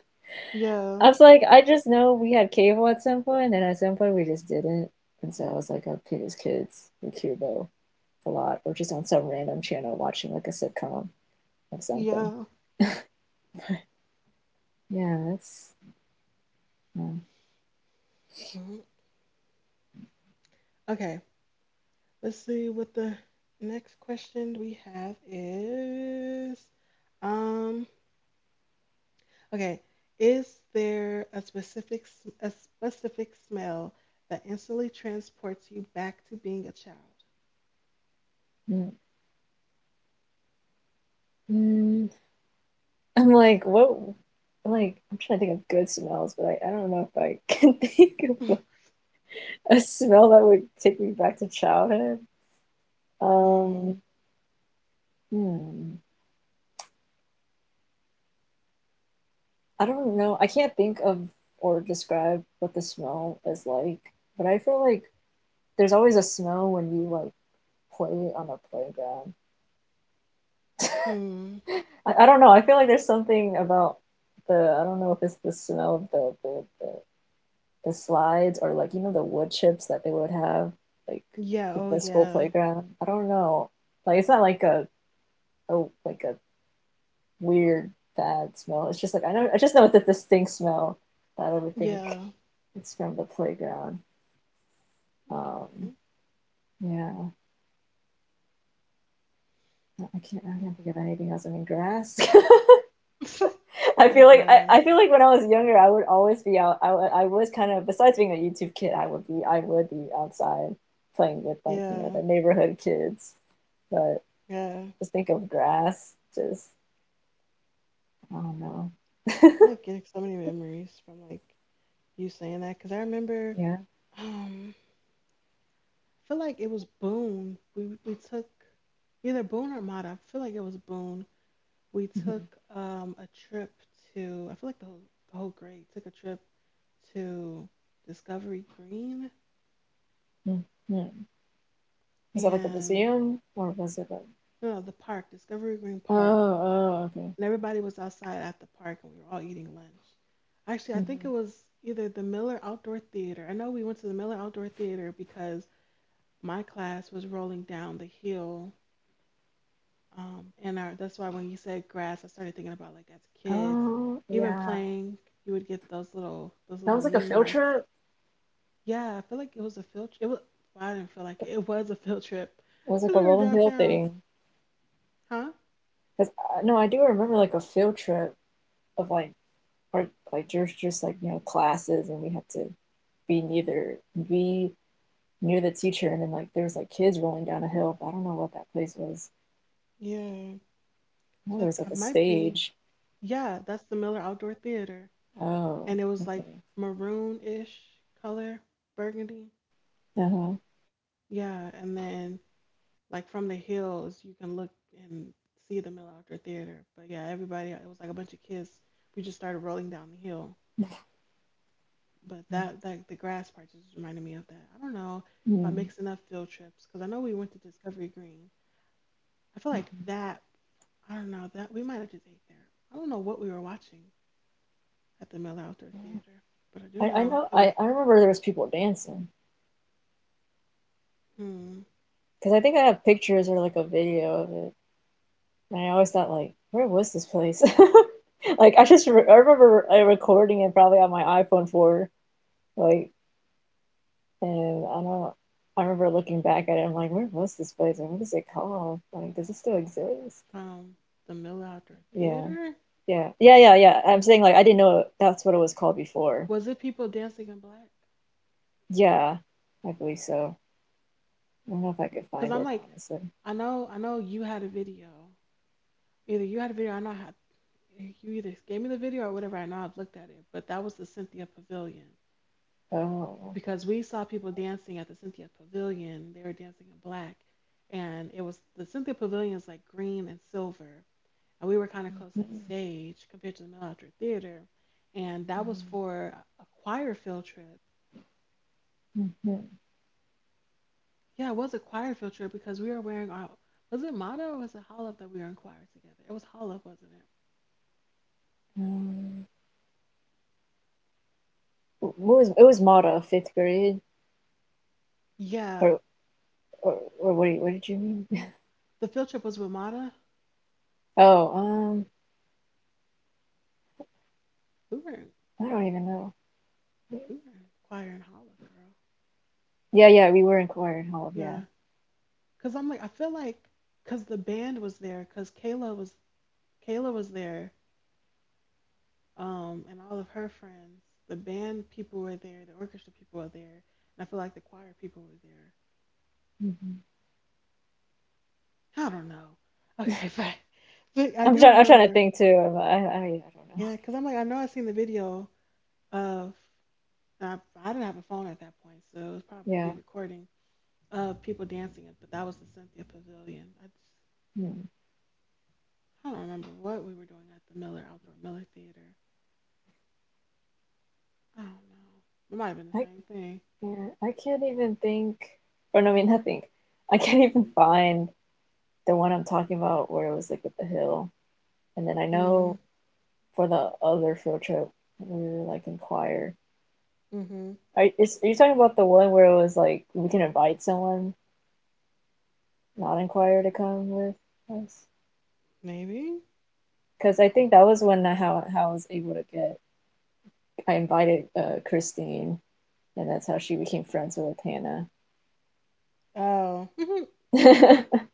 A: yeah,
B: I was like, I just know we had cable at some point, and at some point we just didn't. And so I was like, I'll pick as kids in Cubo a lot, or just on some random channel watching like a sitcom of something.
A: yeah.
B: But yeah, that's. Mm,
A: Mhm. Okay, let's see what the next question we have is. Um, okay, is there a specific smell that instantly transports you back to being a child?
B: mm, mm. I'm like, what? Like, I'm trying to think of good smells, but I don't know if I can think of a smell that would take me back to childhood.
A: Mm-hmm.
B: Um, hmm. I don't know. I can't think of or describe what the smell is like, but I feel like there's always a smell when you like play on a playground.
A: Hmm.
B: I don't know. I feel like there's something about the I don't know if it's the smell of the slides or like you know the wood chips that they would have like
A: Yeah.
B: at
A: Oh,
B: the school
A: yeah.
B: playground. I don't know. Like it's not like a like a weird bad smell. It's just like I just know it's a distinct smell that I would think
A: Yeah.
B: it's from the playground. Um,
A: Okay.
B: yeah, I can't. I can't think of anything else. I mean, grass.
A: Okay.
B: I feel
A: and
B: like
A: grass.
B: I feel like when I was younger, I would always be out. I was kind of besides being a YouTube kid, I would be outside playing with like you know
A: Yeah.
B: the neighborhood kids. But
A: Yeah.
B: just think of grass. Just I don't know.
A: I'm like getting so many memories from like you saying that because I remember.
B: Yeah.
A: Um, I feel like it was Boone. We took either Boone or Mata. I feel like it was Boone. We
B: Mm-hmm.
A: took a trip to. I feel like the whole grade took a trip to Discovery Green
B: Mm-hmm. Was that like a
A: and
B: museum or was it like?
A: no, no the park Discovery Green
B: Oh,
A: Park.
B: oh, okay.
A: And everybody was outside at the park and we were all eating lunch. Actually, I think it
B: Hmm.
A: was either the Miller Outdoor Theater. I know we went to the Miller Outdoor Theater because my class was rolling down the hill. And our, that's why when you said grass, I started thinking about like as kids,
B: Oh,
A: even
B: yeah.
A: playing, you would get those little those
B: That
A: little
B: was like a
A: knee
B: field
A: marks.
B: trip.
A: Yeah, I feel like it was a field trip. Well, I didn't feel like it. It was a field trip
B: It was like
A: because
B: a
A: we were
B: rolling hill
A: downtown,
B: thing.
A: huh?
B: Cause no, I do remember like a field trip of like part like just like you know classes, and we had to be neither be near the teacher, and then like there was like kids rolling down a hill. But I don't know what that place was.
A: Yeah,
B: No,
A: that's
B: there was
A: what I
B: like a
A: might be.
B: stage.
A: Yeah, that's the Miller Outdoor Theater.
B: Oh,
A: And it was like
B: okay.
A: maroon-ish color, burgundy.
B: Uh-huh.
A: Yeah, and then like from the hills, you can look and see the Mill Outdoor Theater. But yeah, everybody, it was like a bunch of kids. We just started rolling down the hill. But that, that the grass part just reminded me of that. I don't know if I'm
B: Hmm.
A: mixing up field trips because I know we went to Discovery Green. I feel like that. I don't know that we might have just ate there. I don't know what we were watching at the Mill Outdoor Theater, but I do
B: I
A: know
B: know,
A: it was.
B: I remember there was people dancing
A: Hmm.
B: because I think I have pictures or like a video of it. And I always thought like, where was this place? Like I just re I remember recording it probably on my iPhone 4. Like, and I don't, I remember looking back at it, I'm like, where was this place and what is it called? Like, does it still exist?
A: From the Mill Outdoor
B: Yeah,
A: Theater?
B: yeah, yeah, yeah, yeah. I'm saying, like, I didn't know that's what it was called before.
A: Was it people dancing in black?
B: Yeah, I believe so. I don't know if I could
A: Cause
B: find
A: I'm
B: it,
A: like,
B: honestly.
A: I know you had a video. I know how. You either gave me the video or whatever. I know I've looked at it, but that was the Cynthia Pavilion
B: Oh.
A: because we saw people dancing at the Cynthia Pavilion. They were dancing in black, and it was the Cynthia Pavilion is like green and silver, and we were kind of close to the stage compared to the Mill Outdoor Theater, and that was for a choir field trip.
B: Mm-hmm.
A: Yeah, it was a choir field trip because we were wearing our was it Mata or was it Hollup that we were in choir together? It was Hollup, wasn't it?
B: Um, what was it, was Mata, fifth grade,
A: Yeah,
B: or what, what did you mean?
A: the field trip was with Mata.
B: Oh,
A: We were in,
B: I don't even know.
A: we were in choir in Hollup, girl.
B: Yeah, yeah, we were in choir in Hall, yeah.
A: Yeah, cause I'm like I feel like cause the band was there, cause Kayla was there, and all of her friends. The band people were there, the orchestra people were there, and I feel like the choir people were there.
B: Mm-hmm.
A: I don't know. Okay, but I
B: I'm
A: do
B: trying. I'm trying to
A: remember.
B: think too. I don't know.
A: Yeah, cause I'm like I know I seen the video of. And I didn't have a phone at that point, so it was probably
B: Yeah.
A: you recording of people dancing it. But that was the Cynthia Pavilion.
B: Hmm.
A: I don't remember what we were doing at the Miller Outdoor Miller Theater. I don't know. It might have been the
B: I,
A: same thing.
B: yeah, I can't even think. Or no, I mean, not think. I can't even find the one I'm talking about where it was like with the hill. And then I know
A: Mm,
B: for the other field trip, we were like in choir.
A: mm-hmm.
B: Are you talking about the one where it was like we can invite someone not in choir to come with us?
A: Maybe.
B: Because I think that was when how I was able to get. I invited Christine, and that's how she became friends with Hannah.
A: Oh, hmm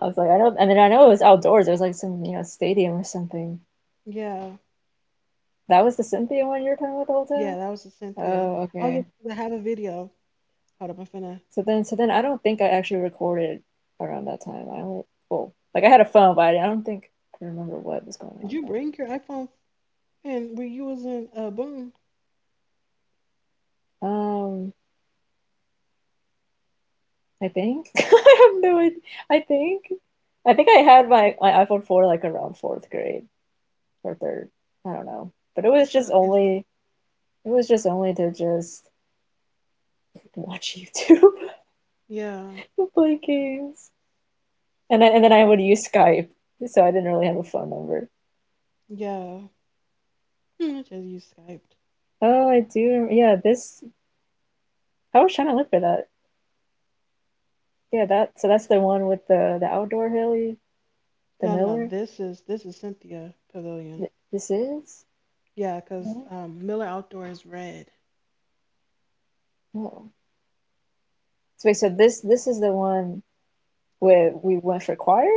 B: I was like, I don't, and then I know it was outdoors. It was like some, you know, stadium or something.
A: yeah,
B: That was the Cynthia one you were talking about the whole
A: yeah.
B: time?
A: That was the Cynthia.
B: Oh,
A: Oh yeah,
B: okay.
A: 'cause I have a video. Hold up, I'm finna.
B: So then I don't think I actually recorded around that time. I only, well, like I had a phone, but I don't think I remember what was going
A: Did
B: on
A: you bring your iPhone? And were you was in Boom?
B: that night. I think I have no idea. I think I think I had my iPhone 4 like around fourth grade or third. I don't know, but
A: That's what, okay. So
B: it was just only to just watch YouTube
A: yeah,
B: and play games. And and then I would use Skype, so I didn't really have a phone number.
A: yeah. Hmm, I just use Skype.
B: Oh, I do. Yeah, this. I was trying to look for that. Yeah, that. So that's the one with the outdoor hilly, the
A: No, no, no,
B: Miller.
A: this is Cynthia Pavilion.
B: This is.
A: Yeah, because
B: No,
A: Miller Outdoor is red.
B: no. So wait. So this is the one
A: Where
B: where we went for choir.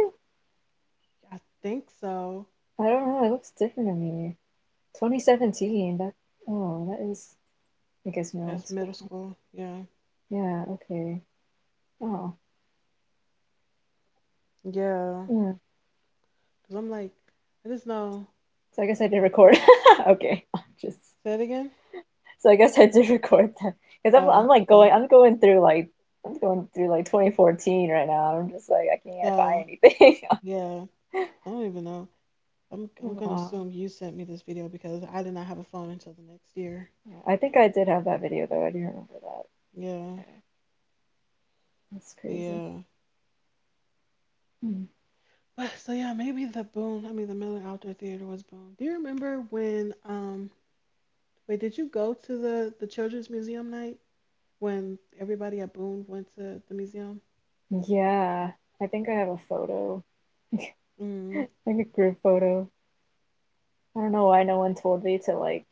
A: I think so.
B: I don't know. It looks different to me. 2017. That. Oh, that is. I guess middle
A: That's middle
B: school.
A: school. Yeah,
B: Yeah. Okay. Oh.
A: yeah.
B: Hmm.
A: Because I'm like, I just know.
B: So I guess I did record. Okay. Just.
A: Say it again.
B: So I guess I did record that because
A: Uh,
B: I'm like going
A: uh,
B: I'm going through like I'm going through like 2014 right now. I'm just like I can't
A: uh,
B: find anything.
A: yeah. I don't even know.
B: Oh,
A: I'm gonna
B: wow.
A: assume you sent me this video because I did not have a phone until the next year.
B: Yeah, I think I did have that video though. I do remember that.
A: Yeah,
B: Yeah, that's crazy.
A: yeah.
B: Hmm.
A: But so yeah, maybe the Boone. I mean, the Miller Outdoor Theater was Boone. Do you remember when um? Wait, did you go to the children's museum night when everybody at Boone went to the museum?
B: Yeah, I think I have a photo,
A: Mm.
B: like a group photo. I don't know why no one told me to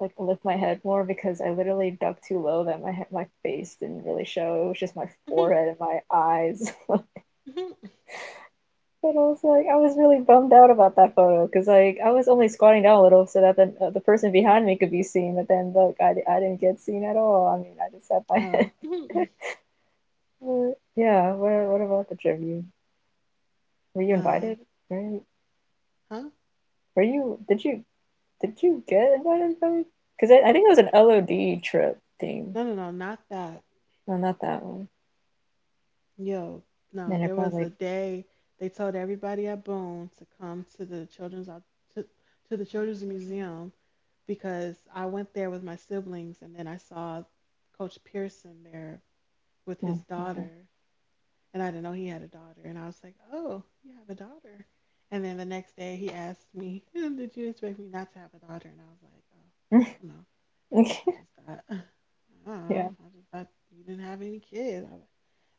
B: like lift my head more because I literally ducked too low that my head, my face didn't really show. It was just my forehead and my eyes. But also, like, I was really bummed out about that photo because, like, I was only squatting down a little so that the person behind me could be seen. But then, look, I didn't get seen at all. I mean, I just had my head.
A: Oh,
B: But, yeah. What about the trip? You, were you
A: nah.
B: invited? Were you,
A: Huh?
B: were you, did you get invited? Because I think it was an LOD trip thing.
A: No, no, no, not that.
B: No, not that one.
A: Yo, no.
B: Then I
A: There was a
B: probably
A: day they told everybody at Boone to come to to, to the children's museum because I went there with my siblings and then I saw Coach Pearson there with
B: no,
A: his
B: no.
A: daughter and I didn't know he had a daughter. And I was like, "Oh, you have a daughter." And then the next day he asked me, "Did you expect me not to have a daughter?" And I was like, "Oh, I don't know. I just thought, I don't
B: yeah.
A: know. I just thought you didn't have any kids."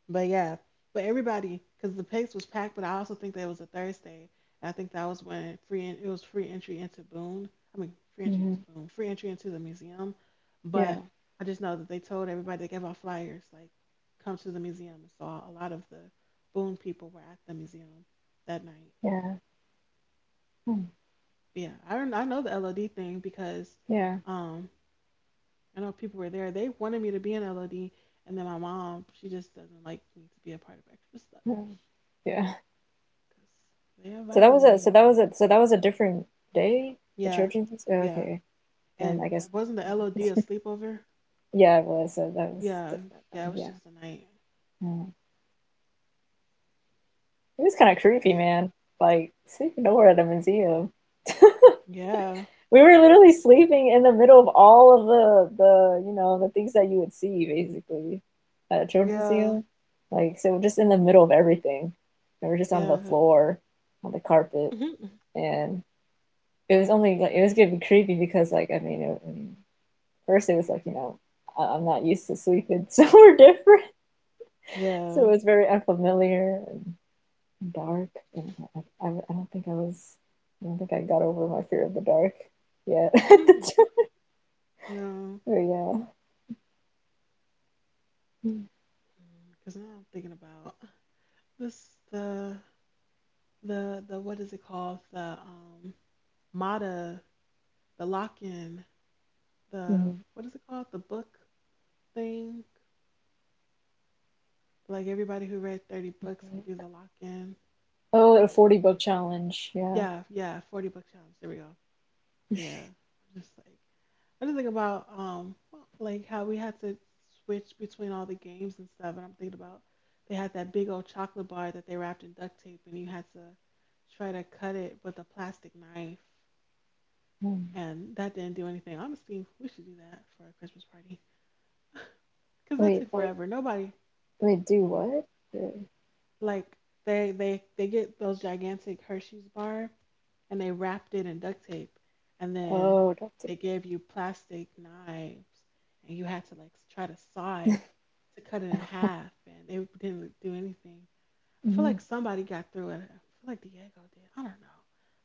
A: But yeah, but everybody, because the place was packed, but I also think that was a Thursday. And I think that was when it was free entry into Boone. I mean, free entry into
B: Hmm.
A: Boone, free entry into the museum.
B: Yeah.
A: But I just know that they told everybody they gave out flyers like, come to the museum. And so a lot of the Boone people were at the museum that night.
B: Yeah. Hmm.
A: Yeah, I know the LOD thing because
B: Yeah.
A: um, I know people were there. They wanted me to be an LOD, and then my mom she just doesn't like me to be a part of extra stuff.
B: Hmm. Yeah.
A: 'Cause they
B: So that
A: invited
B: was a
A: me, but
B: different day. The
A: yeah,
B: Trojans.
A: yeah.
B: Okay, then
A: And
B: I guess.
A: wasn't the LOD a
B: No.
A: sleepover?
B: Yeah, it was. So that was
A: Yeah,
B: different.
A: yeah. It
B: Then,
A: was
B: yeah.
A: just a night.
B: Mm. It was kind of creepy,
A: Yeah.
B: man. Like sleeping over at a museum.
A: Yeah,
B: We were literally sleeping in the middle of all of the the things that you would see basically at a children's
A: yeah,
B: museum. Like, so we're just in the middle of everything. And we're just on the
A: yeah,
B: floor, on the carpet,
A: Mhm.
B: and it was only like it was gonna be creepy because, like, I mean, first it was like I- am not used to sleeping somewhere different, so
A: yeah.
B: it was very unfamiliar and dark. And I don't think I don't think I got over my fear of the dark yet.
A: Mhm. No,
B: Oh yeah.
A: because now I'm thinking about this the what is it called the Mata the lock in the
B: Mhm.
A: what is it called the book thing like everybody who read 30 books could do the lock in
B: Oh, a 40 book challenge. Yeah.
A: yeah yeah 40 book challenge there we go. Yeah. Just like I just think about like how we had to switch between all the games and stuff, and I'm thinking about they had that big old chocolate bar that they wrapped in duct tape, and you had to try to cut it with a plastic knife,
B: Mm.
A: and that didn't do anything. Honestly, we should do that for a Christmas party. Cuz that
B: Wait,
A: took
B: like
A: forever. Nobody
B: Wait, do what?
A: like they get those gigantic Hershey's bar, and they wrapped it in duct tape, and then
B: Oh, don't
A: they gave you plastic knives, and you had to like try to saw it to cut it in
B: do.
A: half, and they didn't do anything. I feel
B: Mhm.
A: like somebody got through it. I feel like Diego did. I don't know,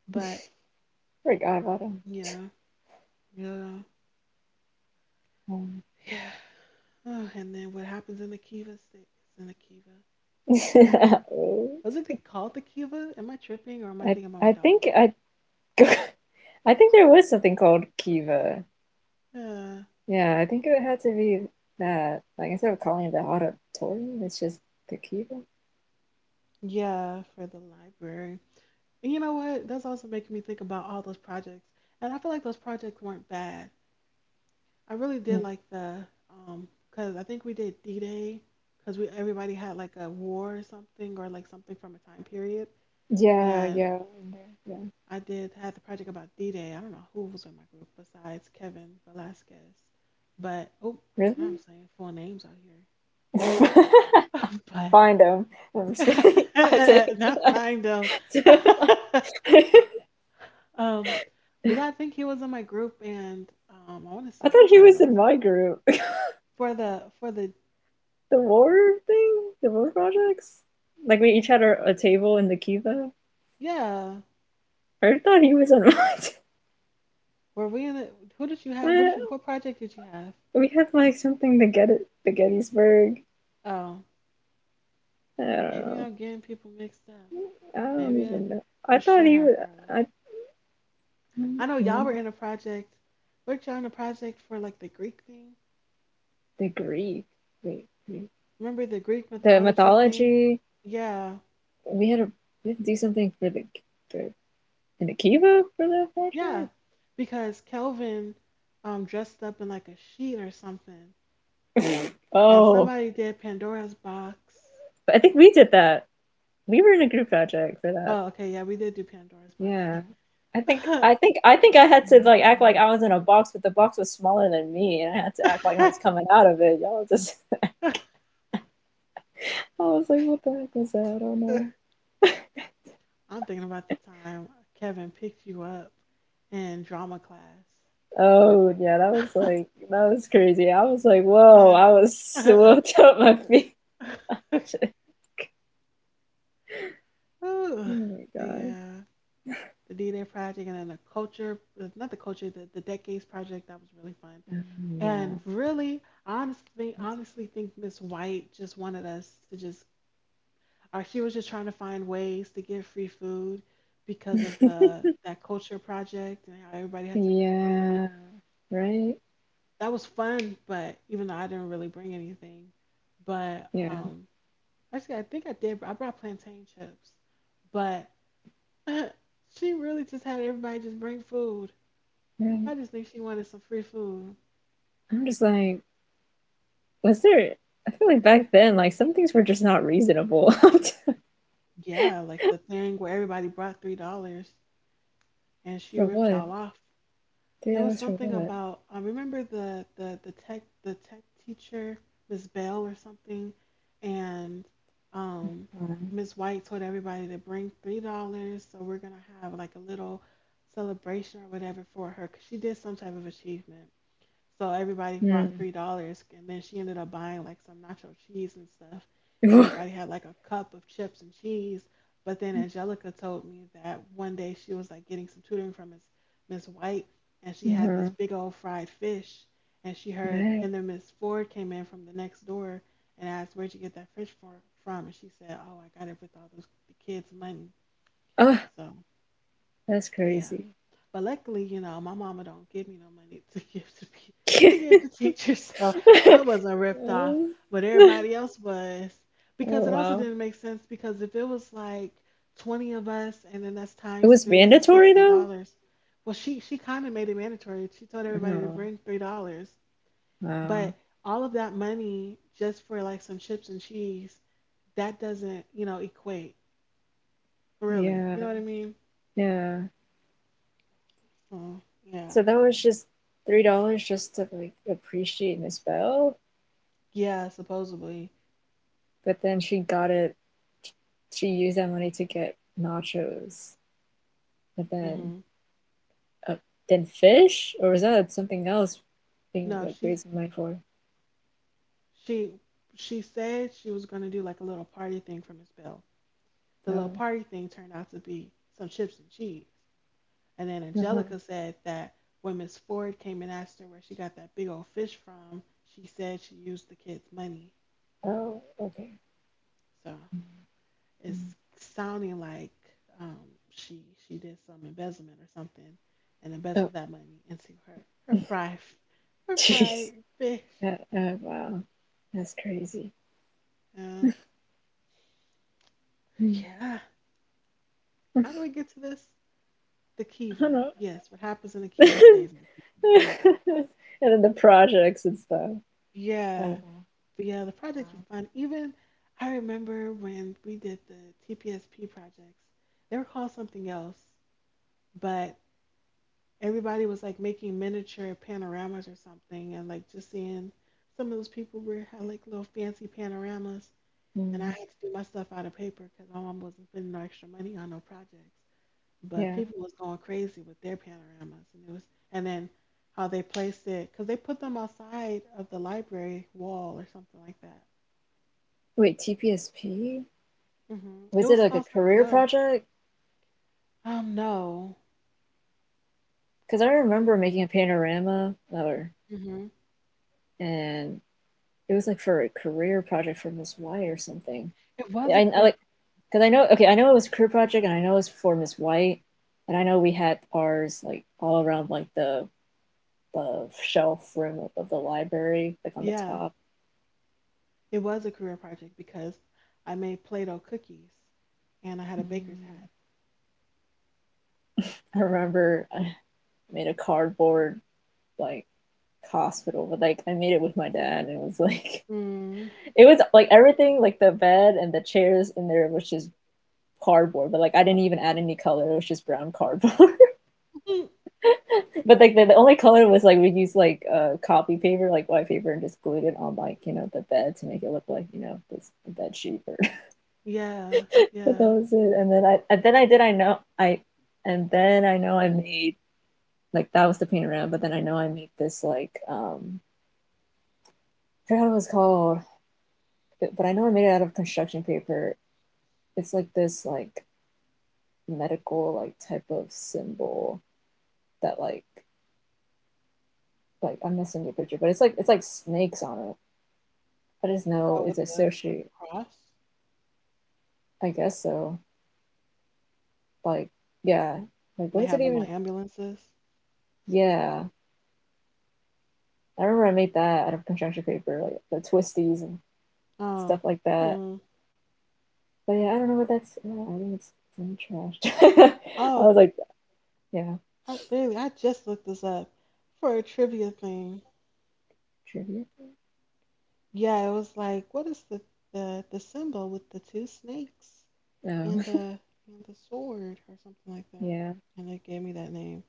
A: but
B: Forgot about him.
A: yeah, yeah,
B: Um,
A: yeah. Oh, and then what happens in the kiva stays in the kiva. Wasn't it called the kiva? Am I tripping, or am I
B: I
A: thinking about my
B: I
A: dog?
B: think I I think there was something called Kiva.
A: Yeah,
B: Yeah, I think it had to be that. Like instead of calling it the auditorium, it's just the Kiva.
A: yeah, for the library. And you know what? That's also making me think about all those projects. And I feel like those projects weren't bad. I really did
B: Hmm.
A: like the um cuz I think we did D-Day, cuz we everybody had like a war or something, or like something from a time period,
B: Yeah,
A: and
B: yeah,
A: I did had the project about D-Day. I don't know who was in my group besides Kevin Velasquez. But oh, I'm
B: yeah.
A: now I'm saying full names out
B: Really?
A: here.
B: Find him. No, I'm just kidding. I take.
A: but not I them. Um, but yeah, I think he was in my group, and I want to
B: I
A: say
B: thought he was
A: Carlos
B: in my group.
A: for the for the.
B: The war thing, the war projects. Like we each had a table in the Kiva.
A: Yeah.
B: I thought he was on my.
A: Were we in it? Who did you have? What did you? What project did you have?
B: We had like something to get it, the Gettysburg.
A: Oh,
B: I don't
A: maybe
B: know.
A: I'm getting people mixed up.
B: I don't
A: Maybe I
B: even know. I
A: for
B: thought
A: sure
B: he was.
A: had Carlos.
B: I,
A: I know
B: mm,
A: y'all were in a project. Weren't y'all in a project for like the Greek thing?
B: the Greek. Wait, Greek.
A: Remember the Greek
B: The
A: mythology thing?
B: mythology.
A: Yeah,
B: We had a we had to do something for the for in the Kiva for that
A: yeah.
B: project.
A: Because Kelvin dressed up in like a sheet or something. And
B: Oh,
A: somebody did Pandora's box.
B: I think we did that. We were in a group project for that.
A: Oh, okay, yeah, we did do Pandora's box.
B: Yeah. I think I think I think I had to like act like I was in a box, but the box was smaller than me, and I had to act like I was coming out of it. Y'all just I was like, what the heck was that? I don't know.
A: I'm thinking about the time Kevin picked you up in drama class.
B: Oh yeah, that was like that was crazy. I was like, whoa, I was swept up my feet.
A: Ooh,
B: Oh my
A: the
B: God.
A: uh, the D-Day project, and then the culture, not the culture, the decades project. That was really fun.
B: Um, yeah.
A: And really, honestly think Miss White just wanted us to just, or she was just trying to find ways to get free food because of the
B: Okay.
A: that culture project and how everybody had to bring food.
B: Yeah. Right?
A: That was fun, but even though I didn't really bring anything, but
B: Yeah.
A: actually I think I did. I brought plantain chips, but she really just had everybody just bring food.
B: Right.
A: I just think she wanted some free food.
B: I'm just like, was there? I feel like back then, like some things were just not reasonable. For
A: Yeah, like the thing where everybody brought $3 and she ripped
B: what?
A: y'all off.
B: Three
A: It was
B: hours for
A: something
B: what?
A: about I remember the tech teacher Miss Bell or something, and um
B: Um,
A: Miss White told everybody to bring $3, so we're gonna have like a little celebration or whatever for her because she did some type of achievement. So everybody brought
B: hmm.
A: $3, and then she ended up buying like some nacho cheese and stuff, and everybody had like a cup of chips and cheese. But then Angelica told me that one day she was like getting some tutoring from Miss White, and she had this
B: Uh-huh.
A: big old fried fish, and she heard,
B: Right.
A: and then Miss Ford came in from the next door and asked, "Where'd you get that fish for, from?" And she said, "Oh, I got it with all those the kids' money."
B: Oh,
A: So
B: that's
A: yeah,
B: crazy.
A: but luckily, you know, my mama don't give me no money to give to to give to teachers, so I wasn't ripped off, but everybody else was. Because
B: Oh,
A: it also
B: wow.
A: didn't make sense, because if it was like 20 of us, and then that's
B: It
A: times
B: was
A: three, that's
B: mandatory
A: sixty
B: though?
A: dollars. Well, she kind of made it mandatory. She told everybody to
B: Oh,
A: bring $3,
B: wow.
A: but all of that money just for like some chips and cheese that doesn't equate really. You
B: Yeah,
A: know what I mean?
B: yeah.
A: So yeah,
B: So that was just $3 just to like appreciate Miss Bell,
A: yeah, supposedly.
B: but then she got it. She used that money to get nachos, but
A: Mm-hmm.
B: uh, then fish, or was that something else? Being
A: No,
B: like raising money for.
A: she she said she was gonna do like a little party thing for Miss Bell. The little
B: Oh,
A: party thing turned out to be some chips and cheese. And then
B: uh-huh.
A: Angelica said that when Miss Ford came and asked her where she got that big old fish from, she said she used the kids' money.
B: Oh, okay.
A: So
B: Mhm.
A: it's sounding like um, she did some embezzlement or something, and
B: Oh,
A: embezzled that money into her her fried f- her
B: jeez.
A: fried fish.
B: That, wow. That's crazy.
A: Uh,
B: Mm.
A: yeah.
B: I
A: How do we get to this? The
B: don't
A: Kiva.
B: know.
A: Yes, what happens in the Kiva stays in the Kiva. Very-
B: And then the projects and stuff. Oh,
A: Yeah. But yeah, the projects were
B: wow.
A: fun. Even I remember when we did the TPSP projects, they were called something else, but everybody was like making miniature panoramas or something, and like just seeing, some of those people were had like little fancy panoramas, and I
B: Mm,
A: had to do my stuff out of paper because my mom wasn't spending no extra money on no projects. But
B: yeah.
A: people was going crazy with their panoramas, and it was, and then how they placed it, because they put them outside of the library wall or something like that.
B: Wait, TPSP?
A: It
B: Was it
A: was
B: like a
A: called something
B: career
A: else.
B: project?
A: No.
B: Because I remember making a panorama letter,
A: hmm
B: and it was like for a career project for Miss White or something.
A: it was
B: Yeah,
A: a
B: I like because I know, okay, I know it was a career project, and I know it was for Miss White, and I know we had ours like all around like the shelf rim of the library, like on the
A: yeah,
B: top.
A: it was a career project, because I made Play-Doh cookies and I had a baker's
B: Mm.
A: hat.
B: I remember I made a cardboard like hospital, but like I made it with my dad, and it was like
A: Mm.
B: it was like everything, like the bed and the chairs in there was just cardboard, but like I didn't even add any color. It was just brown cardboard. But like the only color was like we used like copy paper, like white paper, and just glued it on like the bed to make it look like this bed sheet. Or...
A: Yeah.
B: but that
A: Yeah.
B: was it. And then I did I know I and then I know I made like that was the paint around, but then I know I made this like, um, I forgot what it was called, but I know I made it out of construction paper. It's like this like medical like type of symbol that like I'm not sending you a picture, but it's like snakes on it. I just know
A: Oh,
B: it's
A: with
B: a
A: the with
B: sushi.
A: the cross.
B: I guess so. Like yeah, like
A: And
B: what
A: they
B: is it
A: have them
B: even?
A: on ambulances.
B: Yeah, I remember I made that out of construction paper, like the twisties and stuff
A: Oh.
B: like that.
A: Mm.
B: But yeah, I don't know what that's. Yeah, I think it's some trash. I
A: Oh,
B: was like, yeah,
A: I literally I just looked this up for a trivia thing.
B: trivia.
A: Yeah, it was like, what is the symbol with the two snakes, and
B: Oh,
A: the sword or something like that.
B: yeah.
A: And they gave me that name.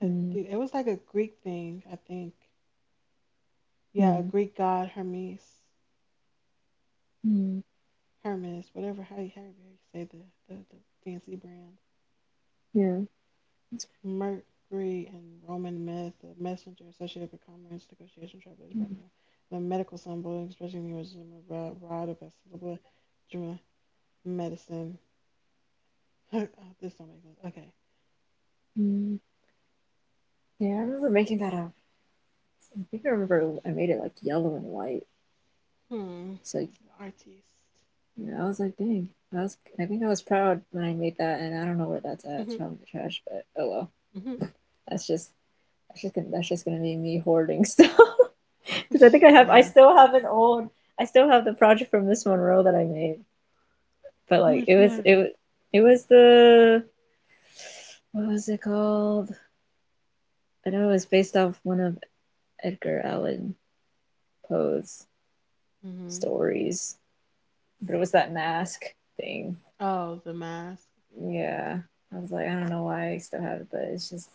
A: Cadu-
B: Mm-hmm.
A: It was like a Greek thing, I think. Yeah, a Greek god Hermes,
B: Mm,
A: Whatever, however you say the fancy brand.
B: yeah.
A: Mercury in Roman myth, the messenger associated with commerce, negotiation, travel, is
B: Mm,
A: more. The medical symbol, expressing the origin of rod, of vegetable, Juma, medicine. Oh, this don't make sense. Okay.
B: mm. Yeah, I remember making that out. I think I remember I made it like yellow and white.
A: Hmm.
B: So
A: Artiste.
B: you know, I was like, dang, I was. I think I was proud when I made that, and I don't know where that's at. It's
A: Hmm.
B: probably in the trash, but oh well.
A: Hmm.
B: That's just that's just gonna be me hoarding stuff. Because I think I have I
A: Yeah.
B: still have an old. I still have the project from Miss Monroe that I made, but like it
A: Which
B: was
A: one?
B: it was it was the what was it called? I know it was based off one of Edgar Allan Poe's
A: Hmm.
B: stories, but it was that mask thing.
A: Oh, the mask.
B: Yeah. I was like, I don't know why I still have it, but it's just.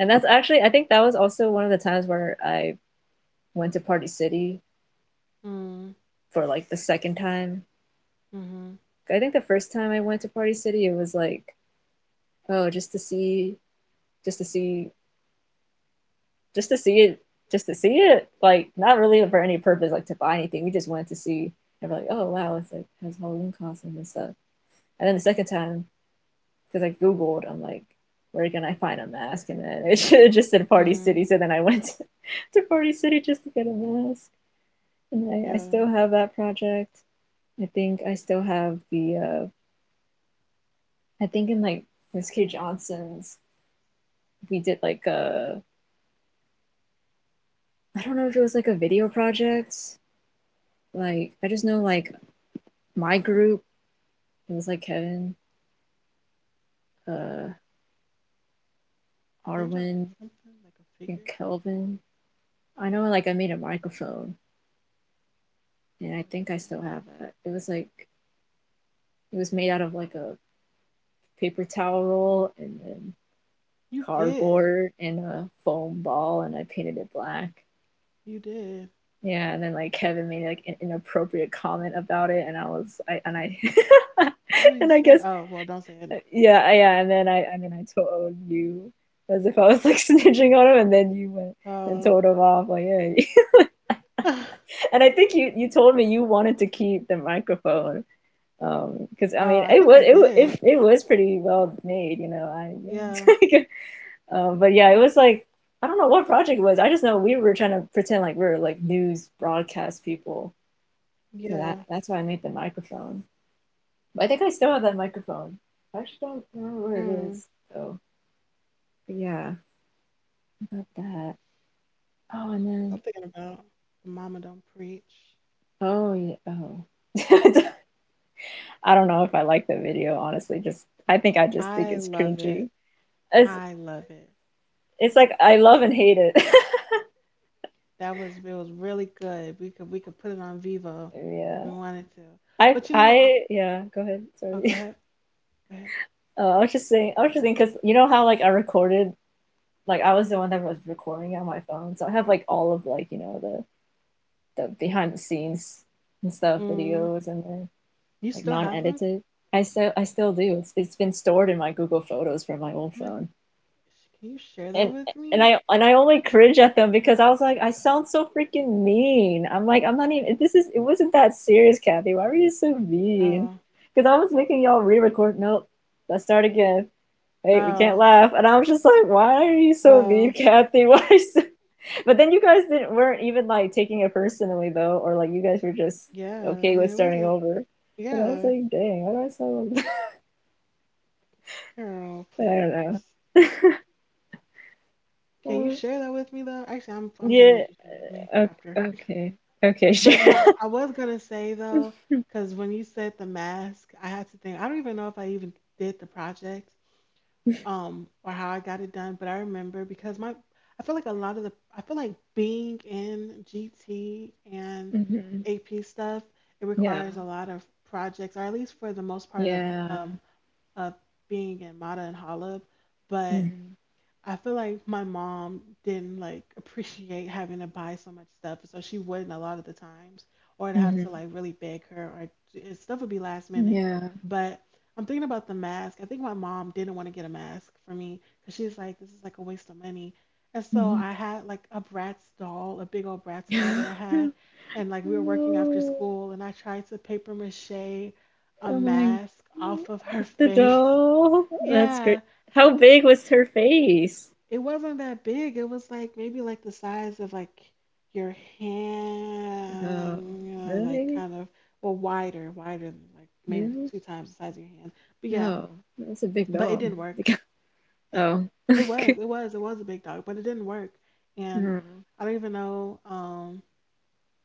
B: And that's actually, I think that was also one of the times where I went to Party City
A: Mm.
B: for like the second time.
A: Hmm.
B: I think the first time I went to Party City, it was like, oh, just to see, just to see, just to see it, just to see it. Like, not really for any purpose, like to buy anything. We just went to see. And we're like, oh, wow, it's like, has Halloween costume and stuff. And then the second time, because I googled. I'm like, where can I find a mask? And then it should have just said Party City.
A: Mm.
B: So then I went to, to Party City just to get a mask. And I
A: Yeah.
B: still have that project. I think I still have the. Uh, I think in like Miss K Johnson's, we did like a. I don't know if it was like a video project. Like I just know like my group. It was like Kevin, uh,
A: Didn't y'all make
B: Arwin,
A: something like a
B: and
A: figure?
B: Kelvin. I know like I made a microphone, and I think I still
A: Microphone?
B: have that. It was like it was made out of like a paper towel roll and then
A: You did.
B: cardboard and a foam ball, and I painted it black.
A: You did.
B: Yeah, and then like Kevin made like an inappropriate comment about it, and I
A: What did you
B: and I
A: say?
B: guess
A: Oh, well, don't say it.
B: yeah, and then I mean I told you as if I was like snitching on him, and then you went and
A: Oh.
B: told him off like, hey, and I think you you told me you wanted to keep the microphone, because I
A: Oh,
B: mean
A: I
B: it
A: think I
B: was it,
A: did.
B: it it was pretty well made, you know
A: Yeah.
B: I yeah. But yeah, it was like I don't know what project it was. I just know we were trying to pretend like we are like news broadcast people
A: Yeah.
B: because that's why I made the microphone. But I think I still have that microphone. I actually don't remember where it
A: Mm.
B: is. So but yeah, about that. Oh, and
A: I'm
B: then
A: thinking about The Mama Don't Preach.
B: oh yeah, oh. I don't know if I like the video honestly. Just I think I just think
A: I
B: it's
A: love it.
B: cringy. It's
A: I love it.
B: I love and hate it.
A: That was it was really good. We could put it on Vivo if
B: yeah.
A: we wanted to. But you know, I,
B: I yeah. Go ahead.
A: oh, go
B: Sorry.
A: ahead. Go ahead.
B: Oh, I was just saying, because you know how like I recorded, like I was the one that was recording on my phone, so I have like all of like the behind the scenes and stuff,
A: Mm.
B: videos, and then
A: You
B: like
A: still have them?
B: non-edited. I still do. It's been stored in my Google Photos from my old
A: I'm like,
B: phone,
A: "Sh- can you share that
B: and
A: with me?"
B: I only cringe at them because I was like, I sound so freaking mean. I'm like, I'm not even. This is it wasn't that serious, Kathy. Why were you so mean?
A: Oh.
B: Because I was making y'all re-record. Nope, let's start again. Right? We can't
A: Oh.
B: laugh. And I was just like, why are you so mean,
A: Oh.
B: Kathy? Why? Are you so... But then you guys didn't weren't even like taking it personally though, or like you guys were just
A: Yeah. I
B: okay with
A: mean, it
B: starting
A: wasn't.
B: over. But I was
A: Yeah.
B: like, dang, why do I sound? Like
A: Girl,
B: that?" I don't
A: please.
B: know.
A: Can you
B: Uh,
A: share that with me though? Actually, I'm gonna
B: yeah.
A: make you share it with me
B: Okay.
A: after.
B: Okay. Okay. Sure.
A: But no, I was gonna say though, because when you said the mask, I had to think. I don't even know if I even did the project, or how I got it done. But I remember because my, I feel like a lot of the, I feel like being in GT and
B: Hmm.
A: AP stuff, it
B: Yeah.
A: requires a lot of projects, or at least for the most part
B: Yeah.
A: um of being in Mata and Holub. But
B: Hmm.
A: I feel like my mom didn't like appreciate having to buy so much stuff, so she wouldn't a lot of the times, or I'd have to
B: Hmm.
A: like really beg her, or and stuff would be last minute.
B: Yeah.
A: But I'm thinking about the mask. I think my mom didn't want to get a mask for me because she's like, this is like a waste of money. And so I
B: Hmm.
A: had like a Bratz doll, a big old Bratz doll that I had, and like we were working after
B: No.
A: school, and I tried to paper mache a
B: Oh my,
A: mask off of her
B: off the
A: face.
B: doll. That's great.
A: Yeah,
B: How big was her face?
A: it wasn't that big. It was like maybe like the size of like your
B: Oh,
A: hand, you know, like
B: really?
A: kind of, well, wider, wider than like maybe
B: Really?
A: two times the size of your hand. But yeah,
B: No, that's a big
A: but it
B: doll.
A: didn't work.
B: Oh,
A: It was,
B: okay.
A: it was, it was a big dog, but it didn't work. And
B: Oh.
A: I don't even know,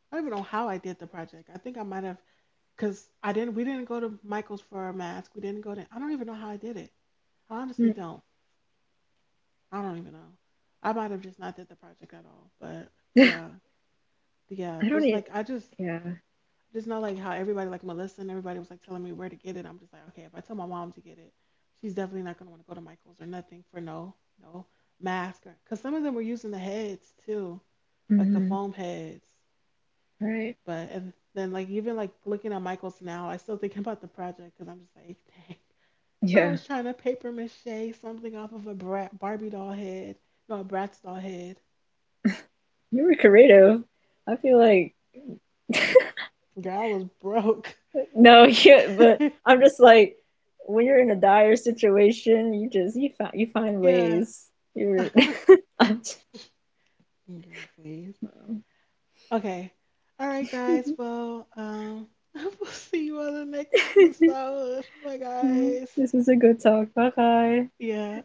A: I don't even know how I did the project. I think I might have, cause I didn't, we didn't go to Michael's for a mask. We didn't go to, I don't even know how I did it. I honestly
B: Mm.
A: don't. I don't even know. I might have just not did the project at all. But
B: I
A: yeah, yeah,
B: don't
A: just
B: need.
A: like I just
B: Yeah.
A: just know like how everybody, like Melissa and everybody, was like telling me where to get it. I'm just like, okay, if I tell my mom to get it, she's definitely not gonna want to go to Michael's or nothing for no no mask, or because some of them were using the heads too, like the
B: Hmm.
A: foam heads.
B: Right.
A: But and then like even like looking at Michael's now, I still thinking about the project because I'm just like, dang, I
B: Yeah.
A: was trying to paper mache something off of a brat, Barbie doll head, no, a Bratz doll head.
B: You were creative. I feel like
A: Girl, I was broke.
B: no, yeah, but I'm just like when you're in a dire situation, you just you find
A: Yeah.
B: ways. You're.
A: Girl,
B: I'm just-
A: please. Okay. All right, guys. Well, we'll see you on the next episode. Bye,
B: Yeah,
A: guys.
B: this was a good talk. Bye bye.
A: Yeah.